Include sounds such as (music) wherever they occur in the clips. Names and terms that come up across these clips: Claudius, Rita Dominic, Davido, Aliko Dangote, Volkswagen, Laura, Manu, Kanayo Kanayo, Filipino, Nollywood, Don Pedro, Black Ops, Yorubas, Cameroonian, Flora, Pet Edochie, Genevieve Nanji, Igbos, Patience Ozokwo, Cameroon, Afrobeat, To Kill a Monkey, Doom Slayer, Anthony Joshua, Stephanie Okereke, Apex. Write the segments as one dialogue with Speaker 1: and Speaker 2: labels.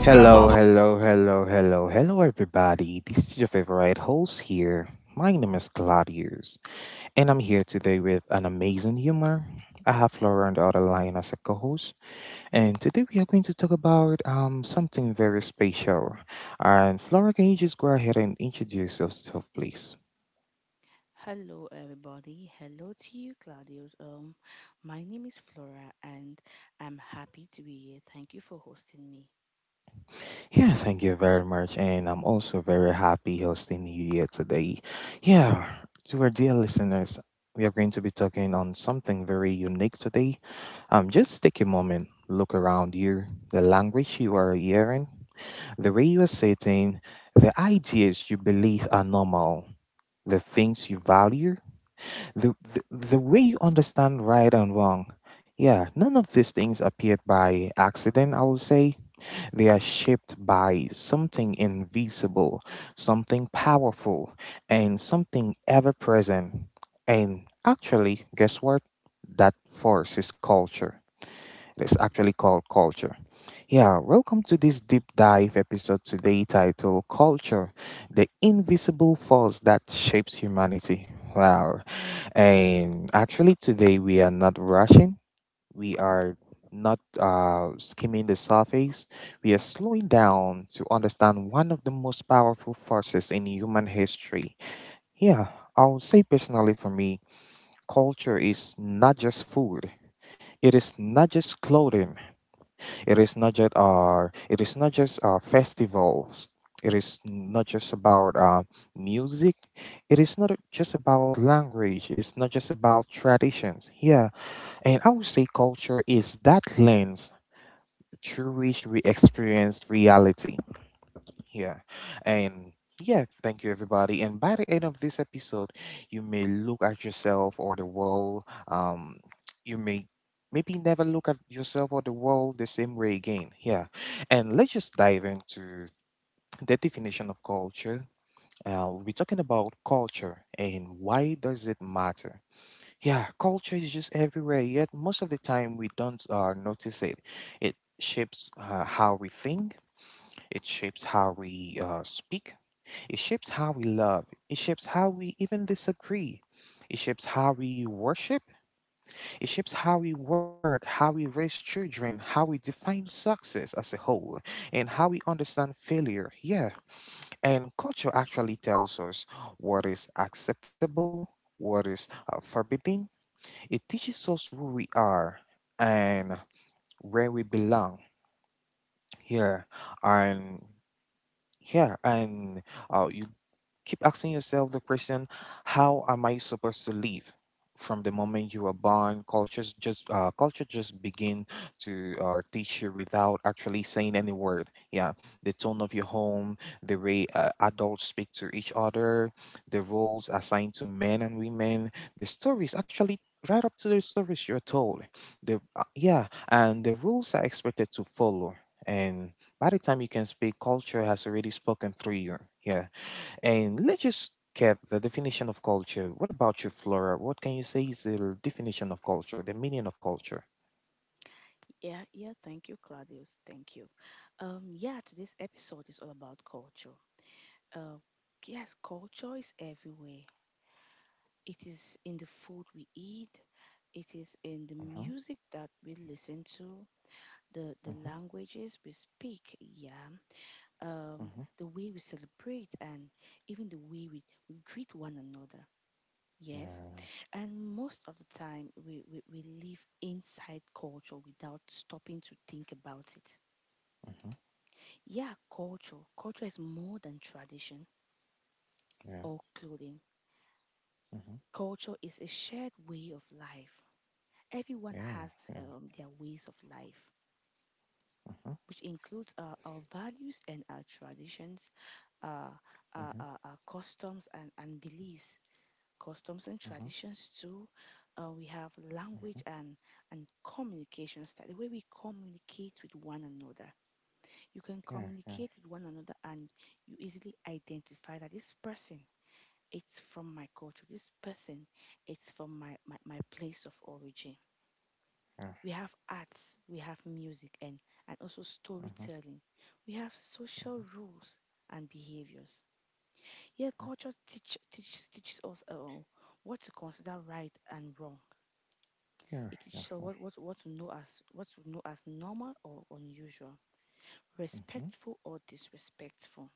Speaker 1: Hello, hello, hello, hello, hello, everybody. This is your favorite host here. My name is Claudius, and I'm here today with an amazing humor. I have Laura on the other line as a co-host, and today we are going to talk about something very special. And Flora, can you just go ahead and introduce yourself, please?
Speaker 2: Hello, everybody. Hello to you, Claudius. My name is Flora, and I'm happy to be here. Thank you for hosting me.
Speaker 1: Yeah, thank you very much. And I'm also very happy hosting you here today. Yeah, to our dear listeners, we are going to be talking on something very unique today. Just take a moment, look around you, the language you are hearing, the way you are sitting, the ideas you believe are normal, the things you value, the way you understand right and wrong. Yeah, none of these things appeared by accident. I would say they are shaped by something invisible, something powerful, and something ever present. And actually, guess what? That force is culture. It is actually called culture. Yeah, welcome to this deep dive episode today titled Culture, the invisible force that shapes humanity. Wow. And actually, today we are not rushing. We are not skimming the surface, we are slowing down to understand one of the most powerful forces in human history. Yeah, I'll say personally for me, culture is not just food. It is not just clothing. It is not just festivals. It is not just about music. It is not just about language. It's not just about traditions. Yeah, and I would say culture is that lens True wish we experienced reality. Yeah. And yeah, thank you everybody. And by the end of this episode, you may look at yourself or the world. You may maybe never look at yourself or the world the same way again. Yeah. And let's just dive into the definition of culture. We'll be talking about culture. And why does it matter? Yeah, culture is just everywhere, yet most of the time we don't notice it. It shapes how we think. It shapes how we speak. It shapes how we love. It shapes how we even disagree. It shapes how we worship. It shapes how we work, how we raise children, how we define success as a whole, and how we understand failure. Yeah. And culture actually tells us what is acceptable, what is forbidden. It teaches us who we are and where we belong. Yeah. And yeah. And you keep asking yourself the question, how am I supposed to live? From moment you are born, culture just begin to teach you without actually saying any word. Yeah, the tone of your home, the way adults speak to each other, the roles assigned to men and women, the stories actually right up to the stories you're told. The Yeah, and the rules are expected to follow. And by the time you can speak, culture has already spoken through you. Yeah. And let's just get the definition of culture. What about you, Flora? What can you say is the definition of culture, the meaning of culture?
Speaker 2: Yeah. Thank you, Claudius. Thank you. Yeah. Today's episode is all about culture. Uh, yes, culture is everywhere. It is in the food we eat. It is in the
Speaker 1: Mm-hmm,
Speaker 2: music that we listen to. The
Speaker 1: mm-hmm,
Speaker 2: languages we speak. Yeah. um,
Speaker 1: mm-hmm,
Speaker 2: the way we celebrate, and even the way we greet one another. Yes.
Speaker 1: yeah,
Speaker 2: And most of the time, we live inside culture without stopping to think about it.
Speaker 1: mm-hmm,
Speaker 2: Culture is more than tradition
Speaker 1: yeah,
Speaker 2: or clothing.
Speaker 1: mm-hmm,
Speaker 2: Culture is a shared way of life. Everyone
Speaker 1: yeah,
Speaker 2: has
Speaker 1: yeah,
Speaker 2: their ways of life,
Speaker 1: mm-hmm,
Speaker 2: which includes our values and our traditions, uh,
Speaker 1: mm-hmm,
Speaker 2: our customs, and beliefs. Customs and
Speaker 1: mm-hmm,
Speaker 2: traditions too. We have
Speaker 1: mm-hmm,
Speaker 2: language and communication style, the way we communicate with one another. You can
Speaker 1: yeah, yeah,
Speaker 2: communicate with one another, and you easily identify that this person, it's from my culture. This person, it's from my place of origin.
Speaker 1: yeah,
Speaker 2: We have arts, we have music, and also
Speaker 1: mm-hmm,
Speaker 2: storytelling. We have social
Speaker 1: mm-hmm,
Speaker 2: rules and behaviors. Here, culture teaches us what to consider right and wrong.
Speaker 1: yeah,
Speaker 2: It is
Speaker 1: yeah,
Speaker 2: so
Speaker 1: yeah,
Speaker 2: what we know as what we know as normal or unusual,
Speaker 1: mm-hmm, mm-hmm,
Speaker 2: respectful or disrespectful.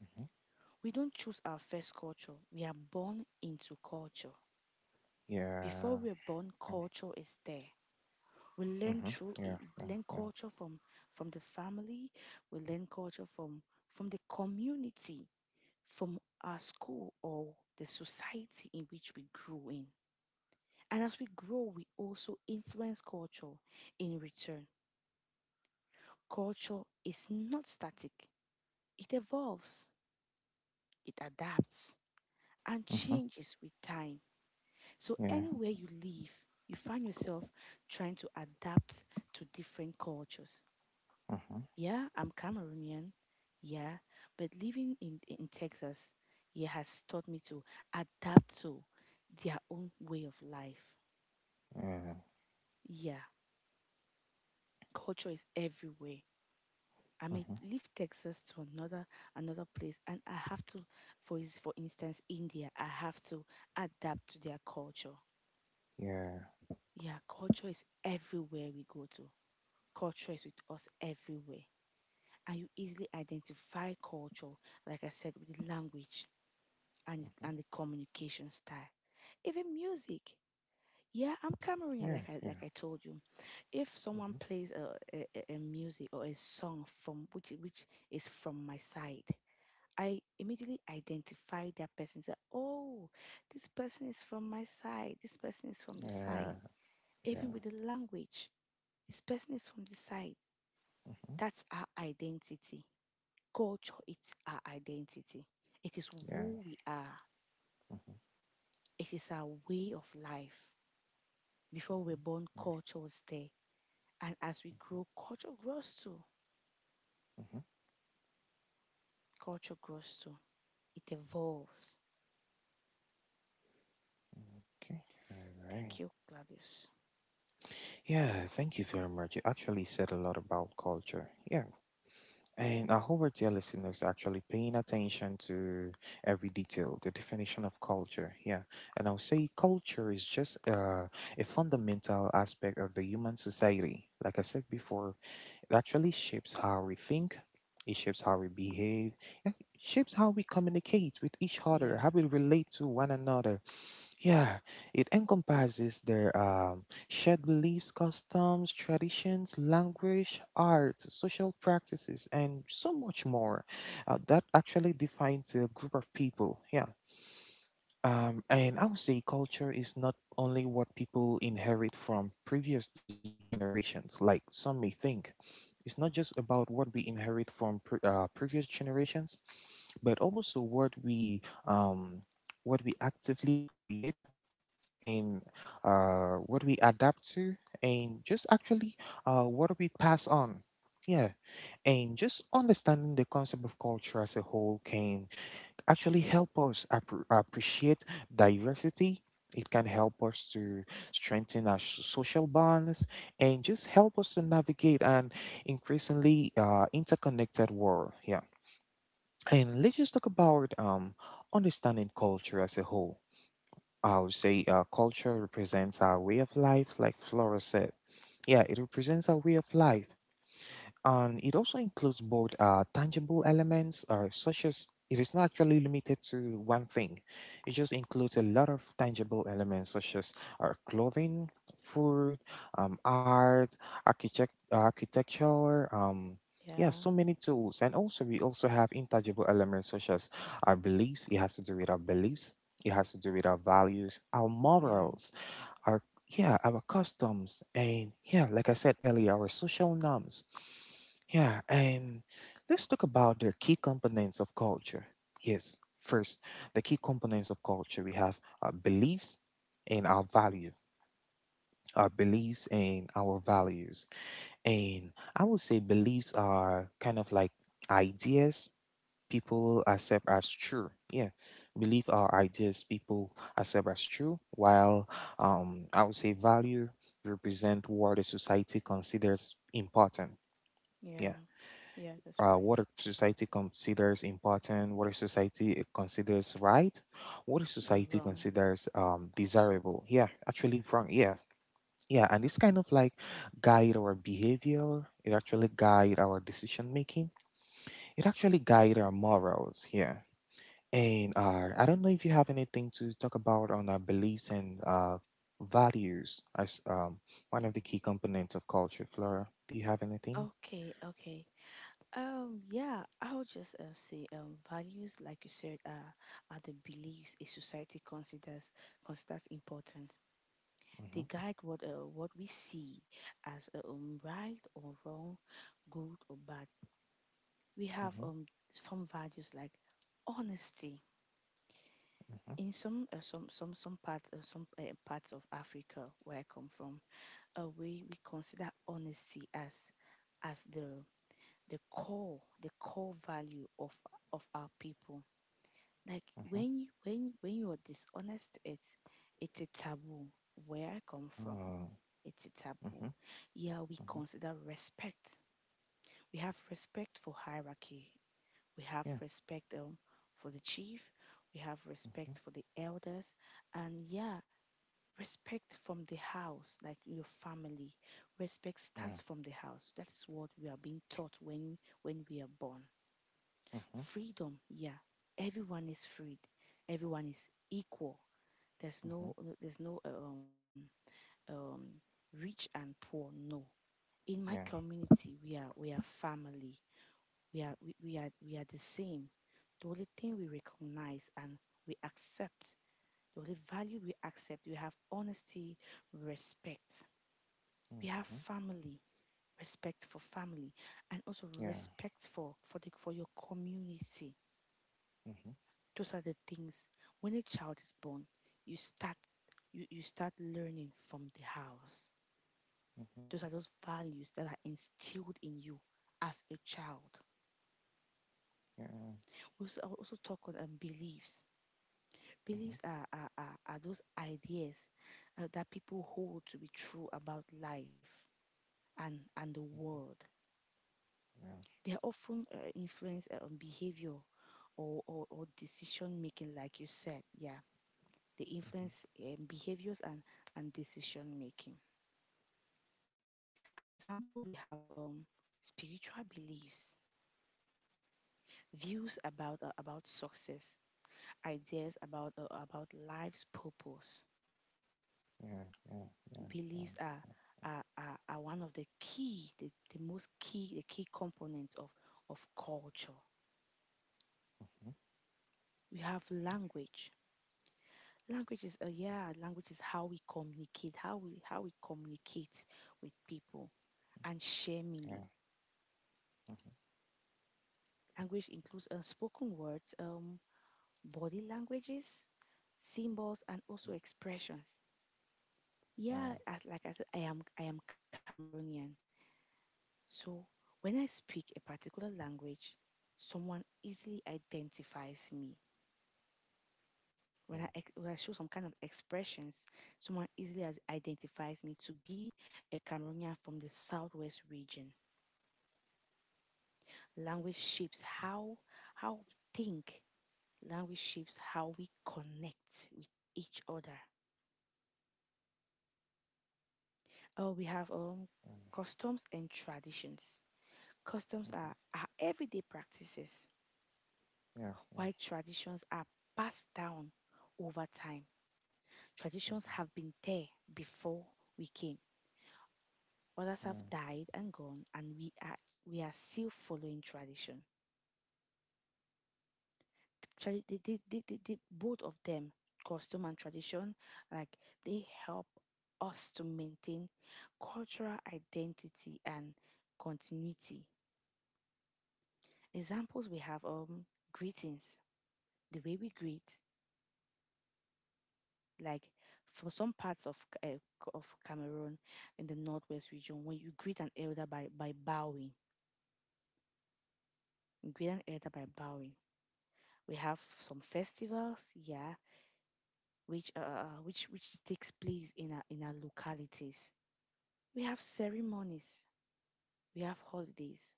Speaker 1: yeah, mm-hmm, mm-hmm,
Speaker 2: We don't choose our first culture. We are born into culture. Before
Speaker 1: yeah, yeah,
Speaker 2: we're born,
Speaker 1: yeah,
Speaker 2: culture is there. We learn
Speaker 1: mm-hmm,
Speaker 2: through it.
Speaker 1: yeah,
Speaker 2: We learn culture from the family. We learn culture from the community, from our school or the society in which we grew in. And as we grow, we also influence culture in return. Culture is not static. It evolves, it adapts, and
Speaker 1: mm-hmm,
Speaker 2: changes with time. So,
Speaker 1: yeah,
Speaker 2: anywhere you live, you find yourself trying to adapt to different cultures.
Speaker 1: mm-hmm,
Speaker 2: Yeah, I'm Cameroonian. Yeah, but living in Texas, yeah, has taught me to adapt to their own way of life. Yeah, culture is everywhere. I
Speaker 1: yeah,
Speaker 2: may
Speaker 1: mm-hmm,
Speaker 2: leave Texas to another place, and I have to, for instance, India. I have to adapt to their culture. Yeah, culture is everywhere we go to. Culture is with us everywhere, and you easily identify culture, like I said, with the language and the communication style, even music. Yeah, I'm Cameroonian,
Speaker 1: yeah,
Speaker 2: like I
Speaker 1: yeah,
Speaker 2: like I told you. If someone
Speaker 1: mm-hmm,
Speaker 2: plays a music or a song from which is from my side, I immediately identify that person. Say, oh, this person is from my side. This person is from the side.
Speaker 1: yeah,
Speaker 2: Even
Speaker 1: yeah.
Speaker 2: with the language, this person is from the side.
Speaker 1: Mhm.
Speaker 2: That's our identity. Culture, it's our identity. It is
Speaker 1: Yeah.
Speaker 2: who we are. It is our way of life. Before we're born, culture was there. And as we grow, culture grows too.
Speaker 1: Hmm.
Speaker 2: Culture grows too. It evolves.
Speaker 1: Okay. All
Speaker 2: Thank
Speaker 1: right.
Speaker 2: you, Gladius.
Speaker 1: Yeah. Thank you very much. You actually said a lot about culture. Yeah. And I hope our dear listeners are actually paying attention to every detail, the definition of culture. Yeah. And I'll say culture is just a fundamental aspect of the human society. Like I said before, it actually shapes how we think, it shapes how we behave, it shapes how we communicate with each other,
Speaker 2: Yeah,
Speaker 1: how we relate to one another. Yeah, it encompasses their shared beliefs, customs, traditions, language, art, social practices, and so much more. That actually defines a group of people. Yeah. And I would say culture is not only what people inherit from previous generations, like some may think. It's not just about what we inherit from previous generations, but also what we um, actively create and what we adapt to, and just actually what we pass on. Yeah, and just understanding the concept of culture as a whole can actually help us appreciate diversity. It can help us to strengthen our social bonds and just help us to navigate an increasingly interconnected world. Yeah, and let's just talk about understanding culture as a whole. I would say culture represents our way of life, like Flora said. Yeah, it represents our way of life. And it also includes both tangible elements, such as it is not actually limited to one thing. It just includes a lot of tangible elements, such as our clothing, food, art, architecture. Yeah,
Speaker 2: yeah,
Speaker 1: so many tools. And also, we also have intangible elements, such as our beliefs. It has to do with our beliefs. It has to do with our values, our
Speaker 2: yeah.
Speaker 1: morals, our, yeah, our customs, and, yeah, like I said earlier, our social norms. Yeah. And let's talk about their key components of culture. Yes, first, the key components of culture. We have our beliefs and our value, our beliefs and our values. And I would say beliefs are kind of like ideas people accept as true. Yeah, believe our ideas people accept as true, while I would say value represent what a society considers important.
Speaker 2: Yeah.
Speaker 1: Yeah,
Speaker 2: Yeah, that's right.
Speaker 1: what a society considers important, what a society considers right, what a
Speaker 2: Oh,
Speaker 1: society
Speaker 2: wrong.
Speaker 1: considers desirable. Yeah, actually from yeah. Yeah, and it's kind of like guide our behavior. It actually guide our decision making. It actually guide our morals. Yeah. And I don't know if you have anything to talk about on beliefs and values as one of the key components of culture. Flora, do you have anything?
Speaker 2: Okay, okay. Yeah, I'll just say values, like you said, are the beliefs a society considers important.
Speaker 1: Mm-hmm,
Speaker 2: They guide what we see as right or wrong, good or bad. We have
Speaker 1: mm-hmm,
Speaker 2: some values like honesty.
Speaker 1: mm-hmm,
Speaker 2: In some parts of Africa where I come from, a way we consider honesty as the core value of our people. Like
Speaker 1: mm-hmm,
Speaker 2: when you are dishonest, it's a taboo where I come from. It's a taboo.
Speaker 1: mm-hmm, mm-hmm,
Speaker 2: Yeah, we
Speaker 1: mm-hmm,
Speaker 2: consider respect. We have respect for hierarchy. We have
Speaker 1: yeah,
Speaker 2: respect for the chief. We have
Speaker 1: mm-hmm,
Speaker 2: respect for the elders. And yeah, respect from the house, like your family. Respect
Speaker 1: yeah,
Speaker 2: starts from the house. That is what we are being taught when we are born.
Speaker 1: mm-hmm,
Speaker 2: Freedom, yeah, everyone is freed. Everyone is equal. There's
Speaker 1: mm-hmm,
Speaker 2: no um rich and poor. No. In my
Speaker 1: yeah,
Speaker 2: community, we are family. We are the same. The only thing we recognize and we accept, the only value we accept, we have honesty, respect, we
Speaker 1: mm-hmm,
Speaker 2: have family, respect for family, and also
Speaker 1: yeah,
Speaker 2: respect for the for your community.
Speaker 1: mm-hmm,
Speaker 2: Those are the things. When a child is born, you start you start learning from the house.
Speaker 1: mm-hmm,
Speaker 2: Those are those values that are instilled in you as a child.
Speaker 1: yeah,
Speaker 2: We also, I'll also talk on beliefs.
Speaker 1: mm-hmm,
Speaker 2: Beliefs are those ideas that people hold to be true about life and the
Speaker 1: mm-hmm,
Speaker 2: world.
Speaker 1: yeah,
Speaker 2: They're often influence on behavior or decision making, like you said. Yeah, they
Speaker 1: mm-hmm,
Speaker 2: influence behaviors and decision making. An example,
Speaker 1: yeah,
Speaker 2: we have spiritual beliefs, views about success, ideas about life's purpose.
Speaker 1: yeah, yeah, yeah, yeah,
Speaker 2: Beliefs are one of the key, the most key, the key components of culture.
Speaker 1: mm-hmm,
Speaker 2: We have language. Language is, language is how we communicate, how we communicate with people, and share
Speaker 1: yeah,
Speaker 2: meaning.
Speaker 1: mm-hmm,
Speaker 2: Language includes unspoken words, body languages, symbols, and also expressions.
Speaker 1: mm-hmm,
Speaker 2: Yeah, as, like I said, I am Cameroonian. So when I speak a particular language, someone easily identifies me. When when I show some kind of expressions, someone easily identifies me to be a Cameroonian from the southwest region. Language shapes how we think. Language shapes how we connect with each other. Oh, we have customs and traditions.
Speaker 1: yeah, yeah, yeah, mm-hmm,
Speaker 2: Customs are everyday practices,
Speaker 1: yeah, yeah.
Speaker 2: while traditions are passed down over time. Traditions have been there before we came.
Speaker 1: Yeah.
Speaker 2: Others have died and gone, and we are still following tradition. Actually, both of them, custom and tradition, like, they help us to maintain cultural identity and continuity. Examples, we have greetings, the way we greet, like for some parts of Cameroon, in the northwest region, when you greet an elder by bowing, you greet an elder by bowing. We have some festivals, yeah, which which takes place in our localities. We have ceremonies. We have holidays.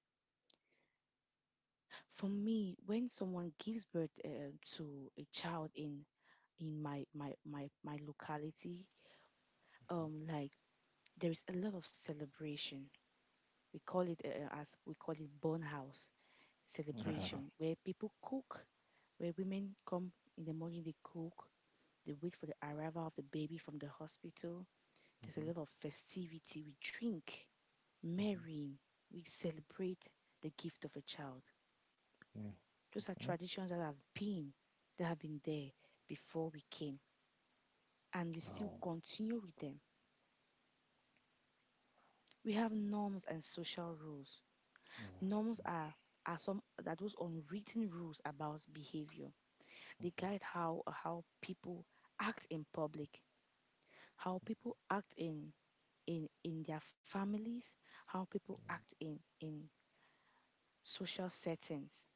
Speaker 2: For me, when someone gives birth to a child in my locality, um, like there is a lot of celebration. We call it born house.
Speaker 1: Mhm,
Speaker 2: Celebration where people cook, where women come in the morning, they cook, they wait for the arrival of the baby from the hospital. There's a
Speaker 1: mhm,
Speaker 2: lot of festivity. We drink,
Speaker 1: mhm.
Speaker 2: marrying, we celebrate the gift of a child.
Speaker 1: Yeah.
Speaker 2: Those are
Speaker 1: Okay.
Speaker 2: traditions that have been there before we came, and we still
Speaker 1: Oh.
Speaker 2: continue with them. We have norms and social rules.
Speaker 1: Yeah.
Speaker 2: Norms are some that those unwritten rules about behavior. They
Speaker 1: Mhm,
Speaker 2: guide how people act in public, how people act in their families, how people act in social settings.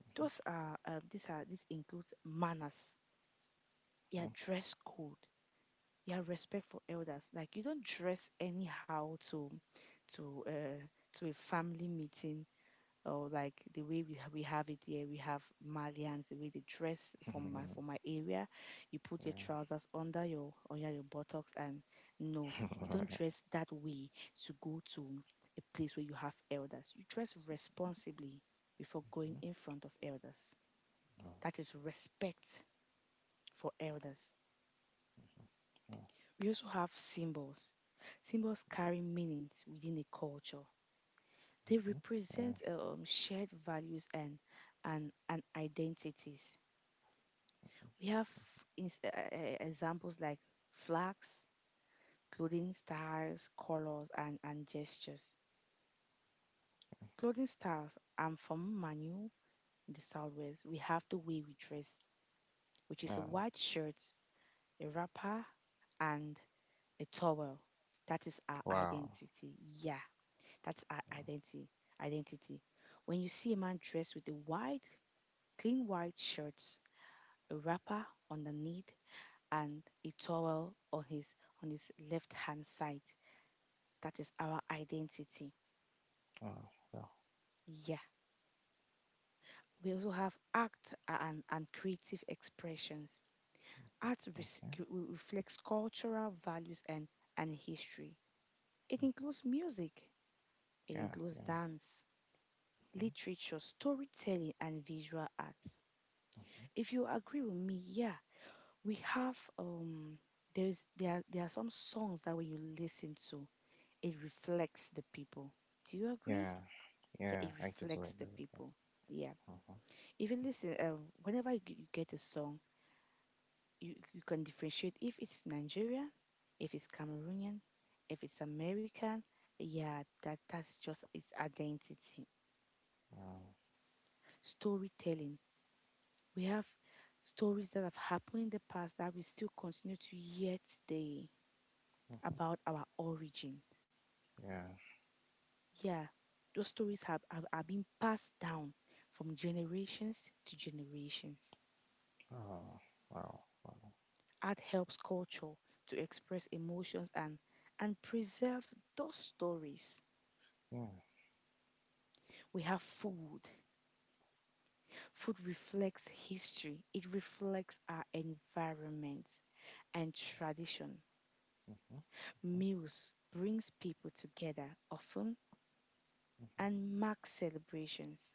Speaker 1: mhm.
Speaker 2: Those are these are this includes manners,
Speaker 1: Yeah. Mm-hmm.
Speaker 2: your
Speaker 1: Yeah. (laughs)
Speaker 2: dress code, your respect for elders. Like, you don't dress anyhow to to uh, to a family meeting, or like the way we we have it here, we have Malians, the way they dress from my area. You put your trousers under your buttocks, and no, you don't dress that way to go to a place where you have elders. You dress responsibly before
Speaker 1: Mhm.
Speaker 2: going in front of elders. That is respect for elders.
Speaker 1: Oh,
Speaker 2: We also have symbols. Symbols carry meanings within a culture. They
Speaker 1: oh, mhm. Yeah.
Speaker 2: represent shared values and identities. We have examples like flags, clothing styles, colors, and gestures. Clothing styles. I'm from Manu in the southwest. We have the way we dress, which is a
Speaker 1: Yeah.
Speaker 2: white shirt, a wrapper, and a towel. That is our
Speaker 1: Wow.
Speaker 2: identity. Yeah, that's our
Speaker 1: Wow.
Speaker 2: identity. Identity. When you see a man dressed with a white, clean white shirt, a wrapper underneath, and a towel on his left hand side. That is our identity.
Speaker 1: Wow. Wow.
Speaker 2: Yeah. We also have art and creative expressions. Art res-
Speaker 1: Okay.
Speaker 2: g- reflects cultural values and history. It
Speaker 1: Mhm.
Speaker 2: includes music, it
Speaker 1: Yeah.
Speaker 2: includes
Speaker 1: Yeah.
Speaker 2: dance,
Speaker 1: Mhm,
Speaker 2: literature, storytelling, and visual arts.
Speaker 1: mhm.
Speaker 2: If you agree with me, yeah, we have there are some songs that when you listen to, it reflects the people. Do you agree?
Speaker 1: Yeah.
Speaker 2: Yeah,
Speaker 1: Yeah.
Speaker 2: it
Speaker 1: I totally
Speaker 2: reflects the
Speaker 1: agree with that.
Speaker 2: people. Yeah,
Speaker 1: Mhm.
Speaker 2: if you listen, whenever you get a song, you can differentiate if it's Nigerian, if it's Cameroonian, if it's American. Yeah, that's just its identity.
Speaker 1: Wow.
Speaker 2: Storytelling. We have stories that have happened in the past that we still continue to hear today
Speaker 1: Mhm.
Speaker 2: about our origins.
Speaker 1: Yeah.
Speaker 2: Yeah, those stories are being passed down from generations to generations.
Speaker 1: Oh. Wow. Wow.
Speaker 2: Art helps culture to express emotions and preserve those stories.
Speaker 1: Yeah.
Speaker 2: We have food. Food reflects history. It reflects our environment and tradition.
Speaker 1: Mhm,
Speaker 2: Meals brings people together often
Speaker 1: mhm, mhm.
Speaker 2: and mark celebrations.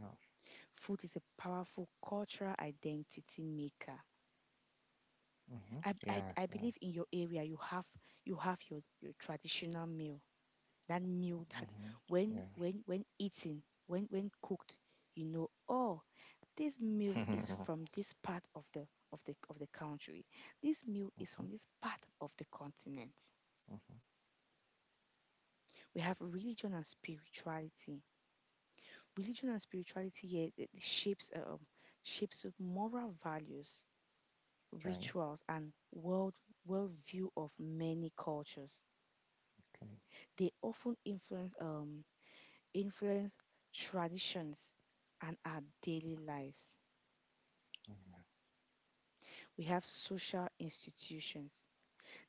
Speaker 1: Yeah.
Speaker 2: Food is a powerful cultural identity maker.
Speaker 1: Mhm.
Speaker 2: I, I,
Speaker 1: Yeah.
Speaker 2: I
Speaker 1: Yeah.
Speaker 2: believe in your area, you have your traditional meal. That meal that
Speaker 1: Mhm.
Speaker 2: when eaten, when cooked, oh, this meal is
Speaker 1: Yeah. (laughs)
Speaker 2: from this part of the country. This meal is
Speaker 1: Mhm,
Speaker 2: from this part of the continent.
Speaker 1: mhm.
Speaker 2: We have religion and spirituality. Religion and spirituality, here it shapes with moral values,
Speaker 1: Okay.
Speaker 2: rituals, and worldview of many cultures.
Speaker 1: Okay.
Speaker 2: They often influence traditions and our daily lives.
Speaker 1: Mhm.
Speaker 2: We have social institutions.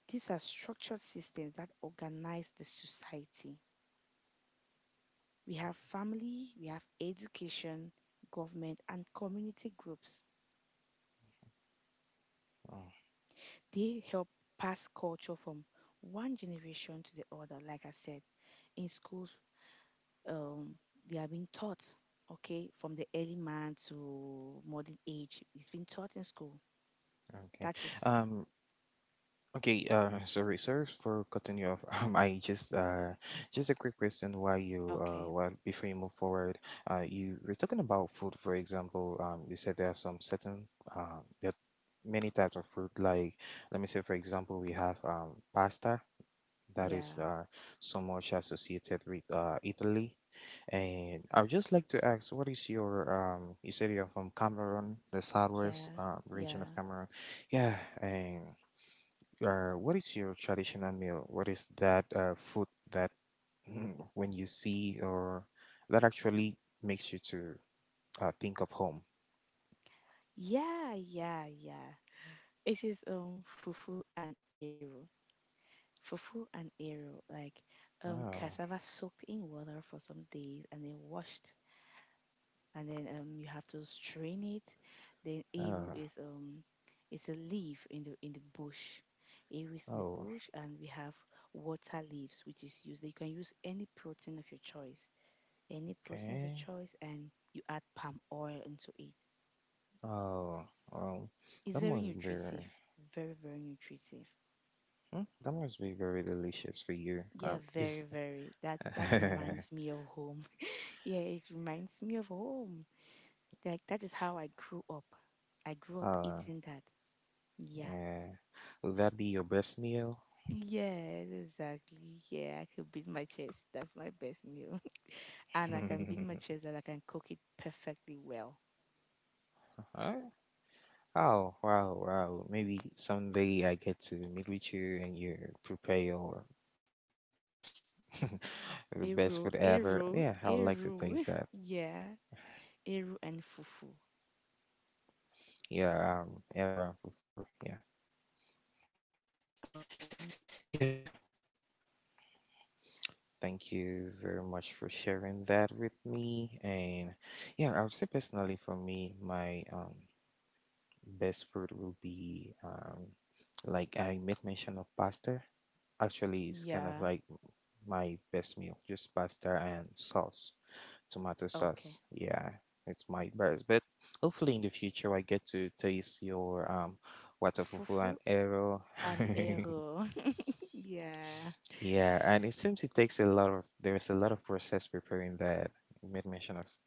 Speaker 2: These are structured systems that organize the society. We have family, we have education, government, and community groups.
Speaker 1: Oh,
Speaker 2: They help pass culture from one generation to the other, like I said, in schools um, they are being taught, okay, from the early man to modern age. It's been taught in school.
Speaker 1: okay.
Speaker 2: That is.
Speaker 1: Um, okay, sorry, sir, for cutting you off. (laughs) Just a quick question while
Speaker 2: Okay.
Speaker 1: while before you move forward, you were talking about food, for example. You said there are some certain, there are many types of food. Like, let me say, for example, we have, pasta, that is
Speaker 2: Yeah,
Speaker 1: so much associated with Italy. And I would just like to ask, you said you're from Cameroon, the southwest
Speaker 2: yeah,
Speaker 1: region of
Speaker 2: yeah,
Speaker 1: Cameroon. Yeah, and what is your traditional meal? What is that food that when you see or that actually makes you to think of home?
Speaker 2: yeah, yeah, yeah. It is fufu and arrow. Fufu and arrow, like
Speaker 1: Oh,
Speaker 2: cassava soaked in water for some days and then washed, and then you have to strain it. Then eru
Speaker 1: oh,
Speaker 2: is it's a leaf in the bush. Eru is in the
Speaker 1: oh,
Speaker 2: bush, and we have water leaves, which is used. You can use any protein of your choice, any protein of your
Speaker 1: okay.
Speaker 2: choice, and you add palm oil into it.
Speaker 1: Oh, well,
Speaker 2: It's
Speaker 1: that
Speaker 2: very
Speaker 1: must be.
Speaker 2: nutritive, very very nutritive.
Speaker 1: Hmm. That must be very delicious for you.
Speaker 2: Yeah, very
Speaker 1: Is
Speaker 2: very. That
Speaker 1: (laughs)
Speaker 2: that reminds me of home. (laughs) Yeah, it reminds me of home. Like that is how I grew up. I grew up
Speaker 1: uh
Speaker 2: eating that. Yeah.
Speaker 1: yeah, would that be your best meal?
Speaker 2: Yes, exactly. Yeah, I could beat my chest. That's my best meal. (laughs) And I can beat my
Speaker 1: (laughs)
Speaker 2: chest and I can cook it perfectly well.
Speaker 1: Huh? Oh, wow, wow! Maybe someday I get to meet with you and you prepare your best, (laughs) the
Speaker 2: Eru,
Speaker 1: best food
Speaker 2: eru,
Speaker 1: ever. Yeah, I would like to
Speaker 2: eru. (laughs)
Speaker 1: taste that.
Speaker 2: Yeah, eru and fufu.
Speaker 1: Yeah, around for yeah
Speaker 2: Okay.
Speaker 1: yeah. Thank you very much for sharing that with me. And yeah, I would say personally for me, my best food will be like I made mention of pasta. Actually, it's
Speaker 2: Yeah.
Speaker 1: kind of like my best meal, just pasta and sauce, tomato
Speaker 2: Okay.
Speaker 1: sauce. Yeah, it's my best. But hopefully, in the future, I get to taste your water fufu
Speaker 2: Fufu
Speaker 1: and arrow.
Speaker 2: and
Speaker 1: (laughs)
Speaker 2: eru. (laughs) Yeah.
Speaker 1: Yeah, and it seems it takes a lot of there is a lot of process preparing that. You made mention of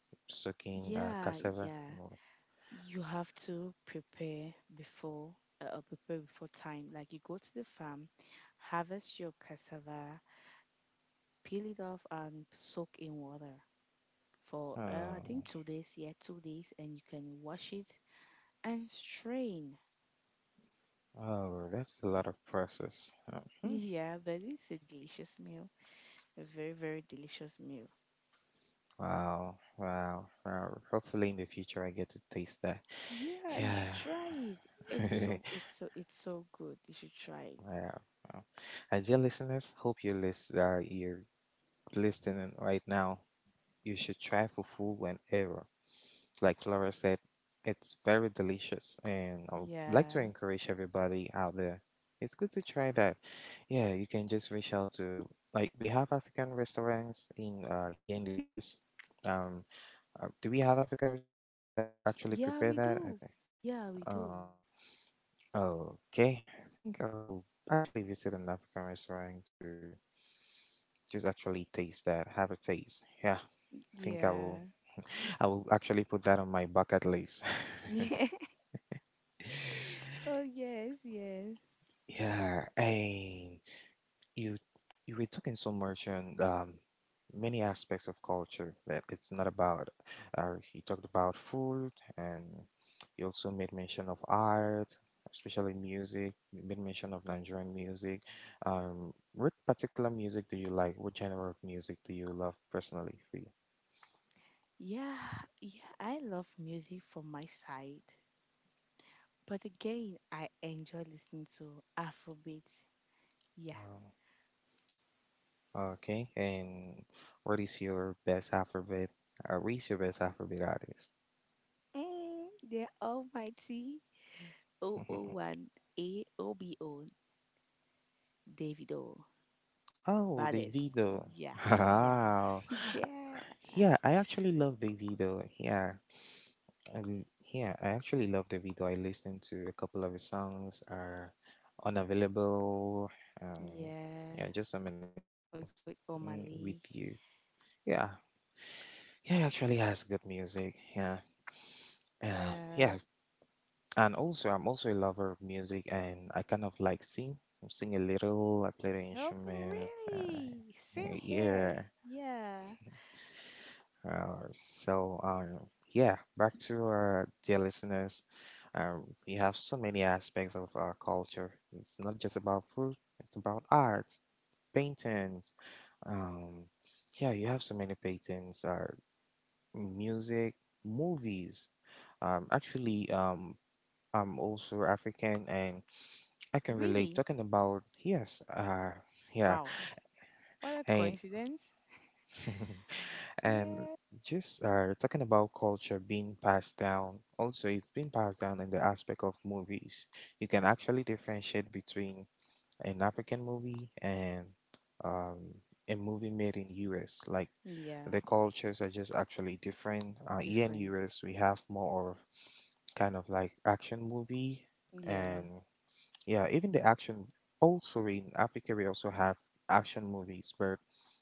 Speaker 1: soaking
Speaker 2: Yeah,
Speaker 1: cassava.
Speaker 2: yeah.
Speaker 1: you know.
Speaker 2: You have to prepare before time. Like you go to the farm, harvest your cassava, peel it off and soak in water for I
Speaker 1: Oh,
Speaker 2: think 2 days, yeah, 2 days, and you can wash it and strain.
Speaker 1: oh, that's a lot of process. Hmm.
Speaker 2: Yeah, but it's a delicious meal, a very very delicious meal.
Speaker 1: Wow, wow, wow. Hopefully in the future I get to taste that.
Speaker 2: Yeah, you should
Speaker 1: Yeah.
Speaker 2: try it. It's so
Speaker 1: (laughs)
Speaker 2: it's so it's so good. You should try it.
Speaker 1: Wow, wow. And dear listeners, hope you list you're listening right now. You should try fufu whenever. Like Flora said, it's very delicious and I would like to
Speaker 2: Yeah,
Speaker 1: encourage everybody out there. It's good to try that. Yeah, you can just reach out to like we have African restaurants in here in the US. Um. Do we have African restaurants here that actually
Speaker 2: yeah,
Speaker 1: prepare
Speaker 2: we
Speaker 1: that? I
Speaker 2: do.
Speaker 1: think.
Speaker 2: Yeah, we do.
Speaker 1: Oh, okay. I think I'll actually visit an African restaurant to just actually taste that, have a taste. Yeah, I think I
Speaker 2: Yeah,
Speaker 1: will. (laughs) I will actually put that on my bucket list.
Speaker 2: (laughs) yeah. Oh yes, yes.
Speaker 1: (laughs) Yeah, and you you were talking so much on many aspects of culture that it's not about you talked about food, and you also made mention of art, especially music. You made mention of Nigerian music. What particular music do you like? What genre of music do you love personally for you?
Speaker 2: Yeah, yeah. I love music from my side. But again, I enjoy listening to Afrobeat. Yeah.
Speaker 1: Oh, okay. And what is your best alphabet, what is your best alphabet artist?
Speaker 2: Mm, the almighty O O One A AOBO Davido.
Speaker 1: (laughs) Oh, they did
Speaker 2: Baddest.
Speaker 1: though.
Speaker 2: Yeah.
Speaker 1: (laughs)
Speaker 2: Yeah.
Speaker 1: Wow.
Speaker 2: (laughs) yeah.
Speaker 1: Yeah, I actually love Davido. Yeah, and yeah, I actually love Davido. I listened to a couple of his songs. Unavailable. Um,
Speaker 2: Yeah.
Speaker 1: yeah, just so many
Speaker 2: With,
Speaker 1: songs.
Speaker 2: with
Speaker 1: Mm, with
Speaker 2: O'Malley.
Speaker 1: you. Yeah, yeah, he actually has good music. Yeah, yeah,
Speaker 2: Yeah.
Speaker 1: yeah. And also, I'm also a lover of music, and I kind of like sing. I sing a little. I play the
Speaker 2: Okay,
Speaker 1: instrument.
Speaker 2: really? Same
Speaker 1: Yeah.
Speaker 2: here. Yeah.
Speaker 1: So, yeah, back to our dear listeners. We have so many aspects of our culture. It's not just about food, it's about art, paintings. Um, yeah, you have so many paintings, music, movies. Actually, I'm also African, and I can relate
Speaker 2: Really?
Speaker 1: talking about, yes, yeah,
Speaker 2: Wow. What a
Speaker 1: and
Speaker 2: coincidence.
Speaker 1: (laughs) and
Speaker 2: Yeah.
Speaker 1: just talking about culture being passed down, also it's been passed down in the aspect of movies. You can actually differentiate between an African movie and um, a movie made in US. Like,
Speaker 2: Yeah.
Speaker 1: the cultures are just actually different. Here in
Speaker 2: Different.
Speaker 1: US, we have more of kind of like action movie,
Speaker 2: Yeah.
Speaker 1: and yeah, even the action, also in Africa we also have action movies where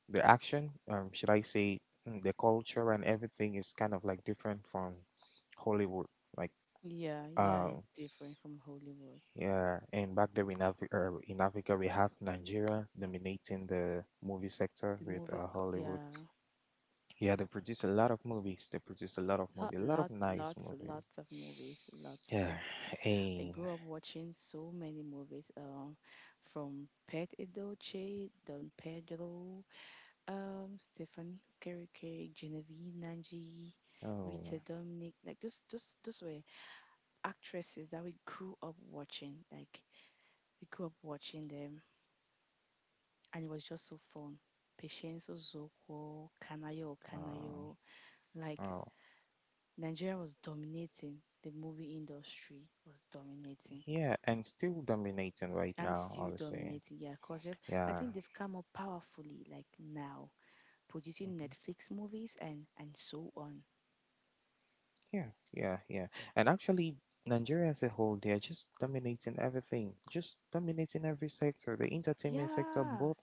Speaker 1: the action, um, should I say, the culture and everything is kind of like different from Hollywood. Like,
Speaker 2: Yeah, yeah,
Speaker 1: uh,
Speaker 2: it's different from Hollywood.
Speaker 1: yeah. And back there in Africa, we have Nigeria dominating the movie sector
Speaker 2: The
Speaker 1: with
Speaker 2: movie,
Speaker 1: Hollywood.
Speaker 2: yeah,
Speaker 1: They produce a lot of
Speaker 2: lot,
Speaker 1: movies, a lot of
Speaker 2: lot,
Speaker 1: nice
Speaker 2: lots,
Speaker 1: movies.
Speaker 2: lots of movies, lots of
Speaker 1: Yeah.
Speaker 2: it. I
Speaker 1: and
Speaker 2: grew up watching so many movies, from Pet Edochie, Don Pedro, Stephanie Okereke, Genevieve Nanji, Rita
Speaker 1: oh
Speaker 2: Dominic. Like those were actresses that we grew up watching. Like we grew up watching them, and it was just so fun. Patience Ozokwo, Kanayo
Speaker 1: uh,
Speaker 2: Kanayo. Like
Speaker 1: oh
Speaker 2: Nigeria was dominating the movie industry, was dominating
Speaker 1: Yeah, and still dominating right
Speaker 2: and
Speaker 1: now,
Speaker 2: still
Speaker 1: honestly.
Speaker 2: dominating. Yeah, because I
Speaker 1: Yeah.
Speaker 2: think they've come up powerfully like now, producing
Speaker 1: Mhm.
Speaker 2: Netflix movies and so on.
Speaker 1: Yeah, yeah, yeah. And actually, Nigeria as a whole, they are just dominating everything, just dominating every sector, the entertainment sector,
Speaker 2: Yeah,
Speaker 1: both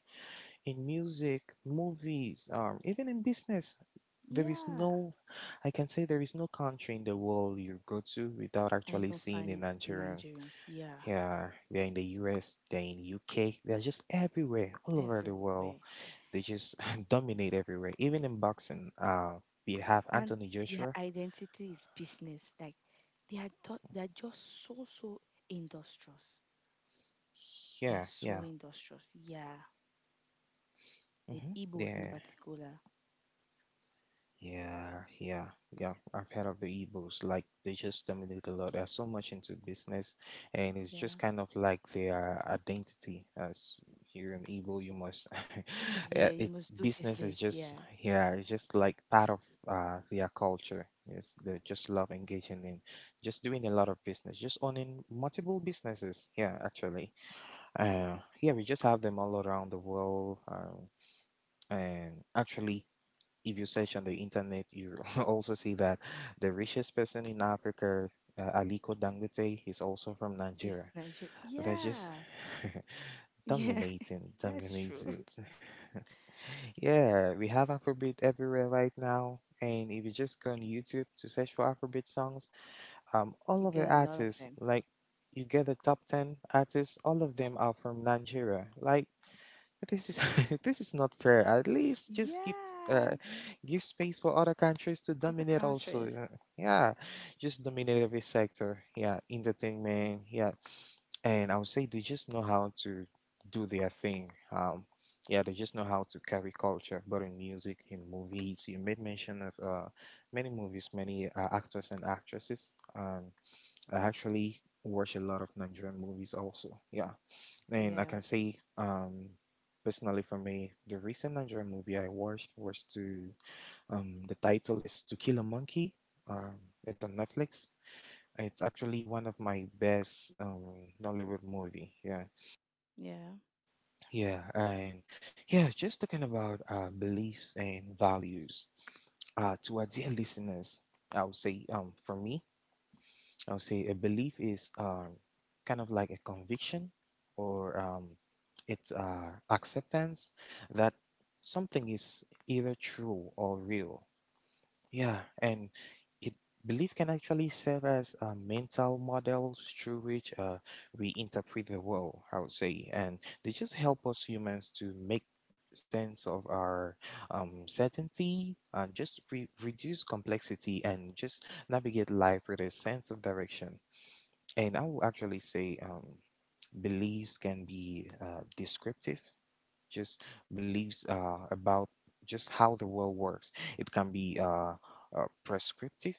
Speaker 1: in music, movies, even in business. There is
Speaker 2: yeah.
Speaker 1: no, I can say there is no country in the world you go to without
Speaker 2: And I
Speaker 1: actually
Speaker 2: even
Speaker 1: seeing the
Speaker 2: find
Speaker 1: Nigerians.
Speaker 2: Nigerians. Yeah,
Speaker 1: Yeah, they're in the US, they're in UK, they're just everywhere, all over the world.
Speaker 2: everywhere.
Speaker 1: They just (laughs) dominate everywhere. Even in boxing, we have
Speaker 2: And
Speaker 1: Anthony
Speaker 2: their
Speaker 1: Joshua.
Speaker 2: identity is business. Like they are just so so industrious. They are
Speaker 1: Yeah,
Speaker 2: so
Speaker 1: yeah.
Speaker 2: industrious. Yeah, the
Speaker 1: Mm-hmm.
Speaker 2: Igbos in
Speaker 1: Yeah.
Speaker 2: particular.
Speaker 1: Yeah, yeah, yeah. I've heard of the Igbos. Like, they just dominate a lot. They're so much into business, and it's just
Speaker 2: Yeah,
Speaker 1: kind of like their identity. As here in Igbo, you must. (laughs) Yeah,
Speaker 2: yeah, you
Speaker 1: it's
Speaker 2: must do
Speaker 1: business is
Speaker 2: business.
Speaker 1: just
Speaker 2: Yeah,
Speaker 1: yeah. It's just like part of their culture. Yes, they just love engaging in, just doing a lot of business, just owning multiple businesses. Yeah, actually. Yeah, we just have them all around the world. And actually, if you search on the internet, you (laughs) also see that the richest person in Africa, Aliko Dangote, is also from
Speaker 2: it's
Speaker 1: Nigeria.
Speaker 2: Nigeria.
Speaker 1: That's just
Speaker 2: Yeah,
Speaker 1: (laughs)
Speaker 2: yeah,
Speaker 1: dominating,
Speaker 2: (laughs) that's true.
Speaker 1: dominating. (laughs) Yeah, we have Afrobeat everywhere right now. And if you just go on YouTube to search for Afrobeat songs,
Speaker 2: You
Speaker 1: all of the
Speaker 2: get a lot of
Speaker 1: artists,
Speaker 2: them.
Speaker 1: like, you get the top 10 artists, all of them are from Nigeria. Like, this is, (laughs) this is not fair. At least just give
Speaker 2: Yeah,
Speaker 1: uh give space for other countries to
Speaker 2: other
Speaker 1: dominate also.
Speaker 2: countries.
Speaker 1: Yeah, just dominate every sector. Yeah, entertainment. Yeah, and I would say they just know how to do their thing. Yeah, they just know how to carry culture, but in music, in movies, you made mention of many movies, many actors and actresses. I actually watch a lot of Nigerian movies also. Yeah, and I
Speaker 2: Yeah,
Speaker 1: can say, personally for me, the recent Nigerian movie I watched was the title is To Kill a Monkey. Um, it's on Netflix. It's actually one of my best Nollywood movie. Yeah,
Speaker 2: yeah,
Speaker 1: yeah, and Yeah. Just talking about beliefs and values. To our dear listeners, I would say, for me, I'll say a belief is, kind of like a conviction, or, it's, acceptance that something is either true or real. Yeah, and it belief can actually serve as mental models through which, we interpret the world, I would say, and they just help us humans to make sense of our, certainty, and just reduce complexity and just navigate life with a sense of direction. And I will actually say, beliefs can be, descriptive, just beliefs, about just how the world works. It can be, uh, prescriptive.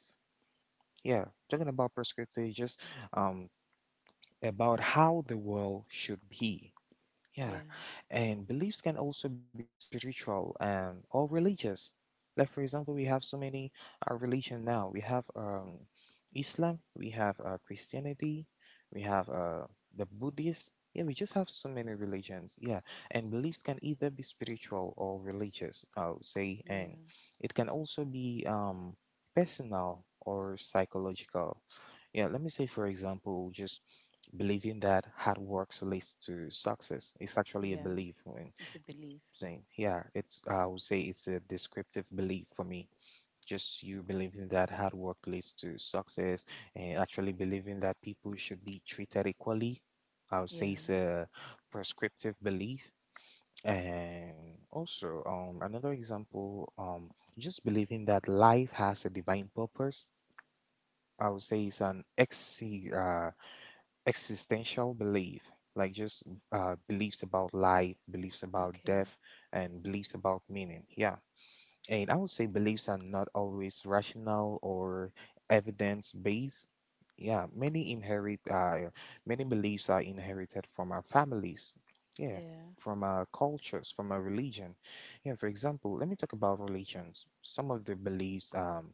Speaker 1: Yeah, talking about prescriptive, just, um, about how the world should be. Yeah,
Speaker 2: yeah,
Speaker 1: and beliefs can also be spiritual and or religious. Like, for example, we many, religion now. We have, Islam, we have, Christianity, we have, the Buddhist. Yeah, we just have so many religions. Yeah, and beliefs can either be spiritual or religious, I would say,
Speaker 2: yeah,
Speaker 1: and it can also be, personal or psychological. Yeah, let me say, for example, just believing that hard work leads to success. It's actually a
Speaker 2: yeah.
Speaker 1: belief when
Speaker 2: It's a belief.
Speaker 1: saying, yeah, it's, I would say it's a descriptive belief for me. Just you believing that hard work leads to success, and actually believing that people should be treated equally. I would say it's
Speaker 2: Yeah.
Speaker 1: a prescriptive belief. And also, another example, just believing that life has a divine purpose. I would say it's an ex existential belief, like just, beliefs about life, beliefs about
Speaker 2: Okay.
Speaker 1: death, and beliefs about meaning. Yeah. And I would say beliefs are not always rational or evidence based. Yeah. Many many beliefs are inherited from our families. Yeah.
Speaker 2: Yeah.
Speaker 1: From our cultures, from our religion. Yeah. For example, let me talk about religions. Some of the beliefs,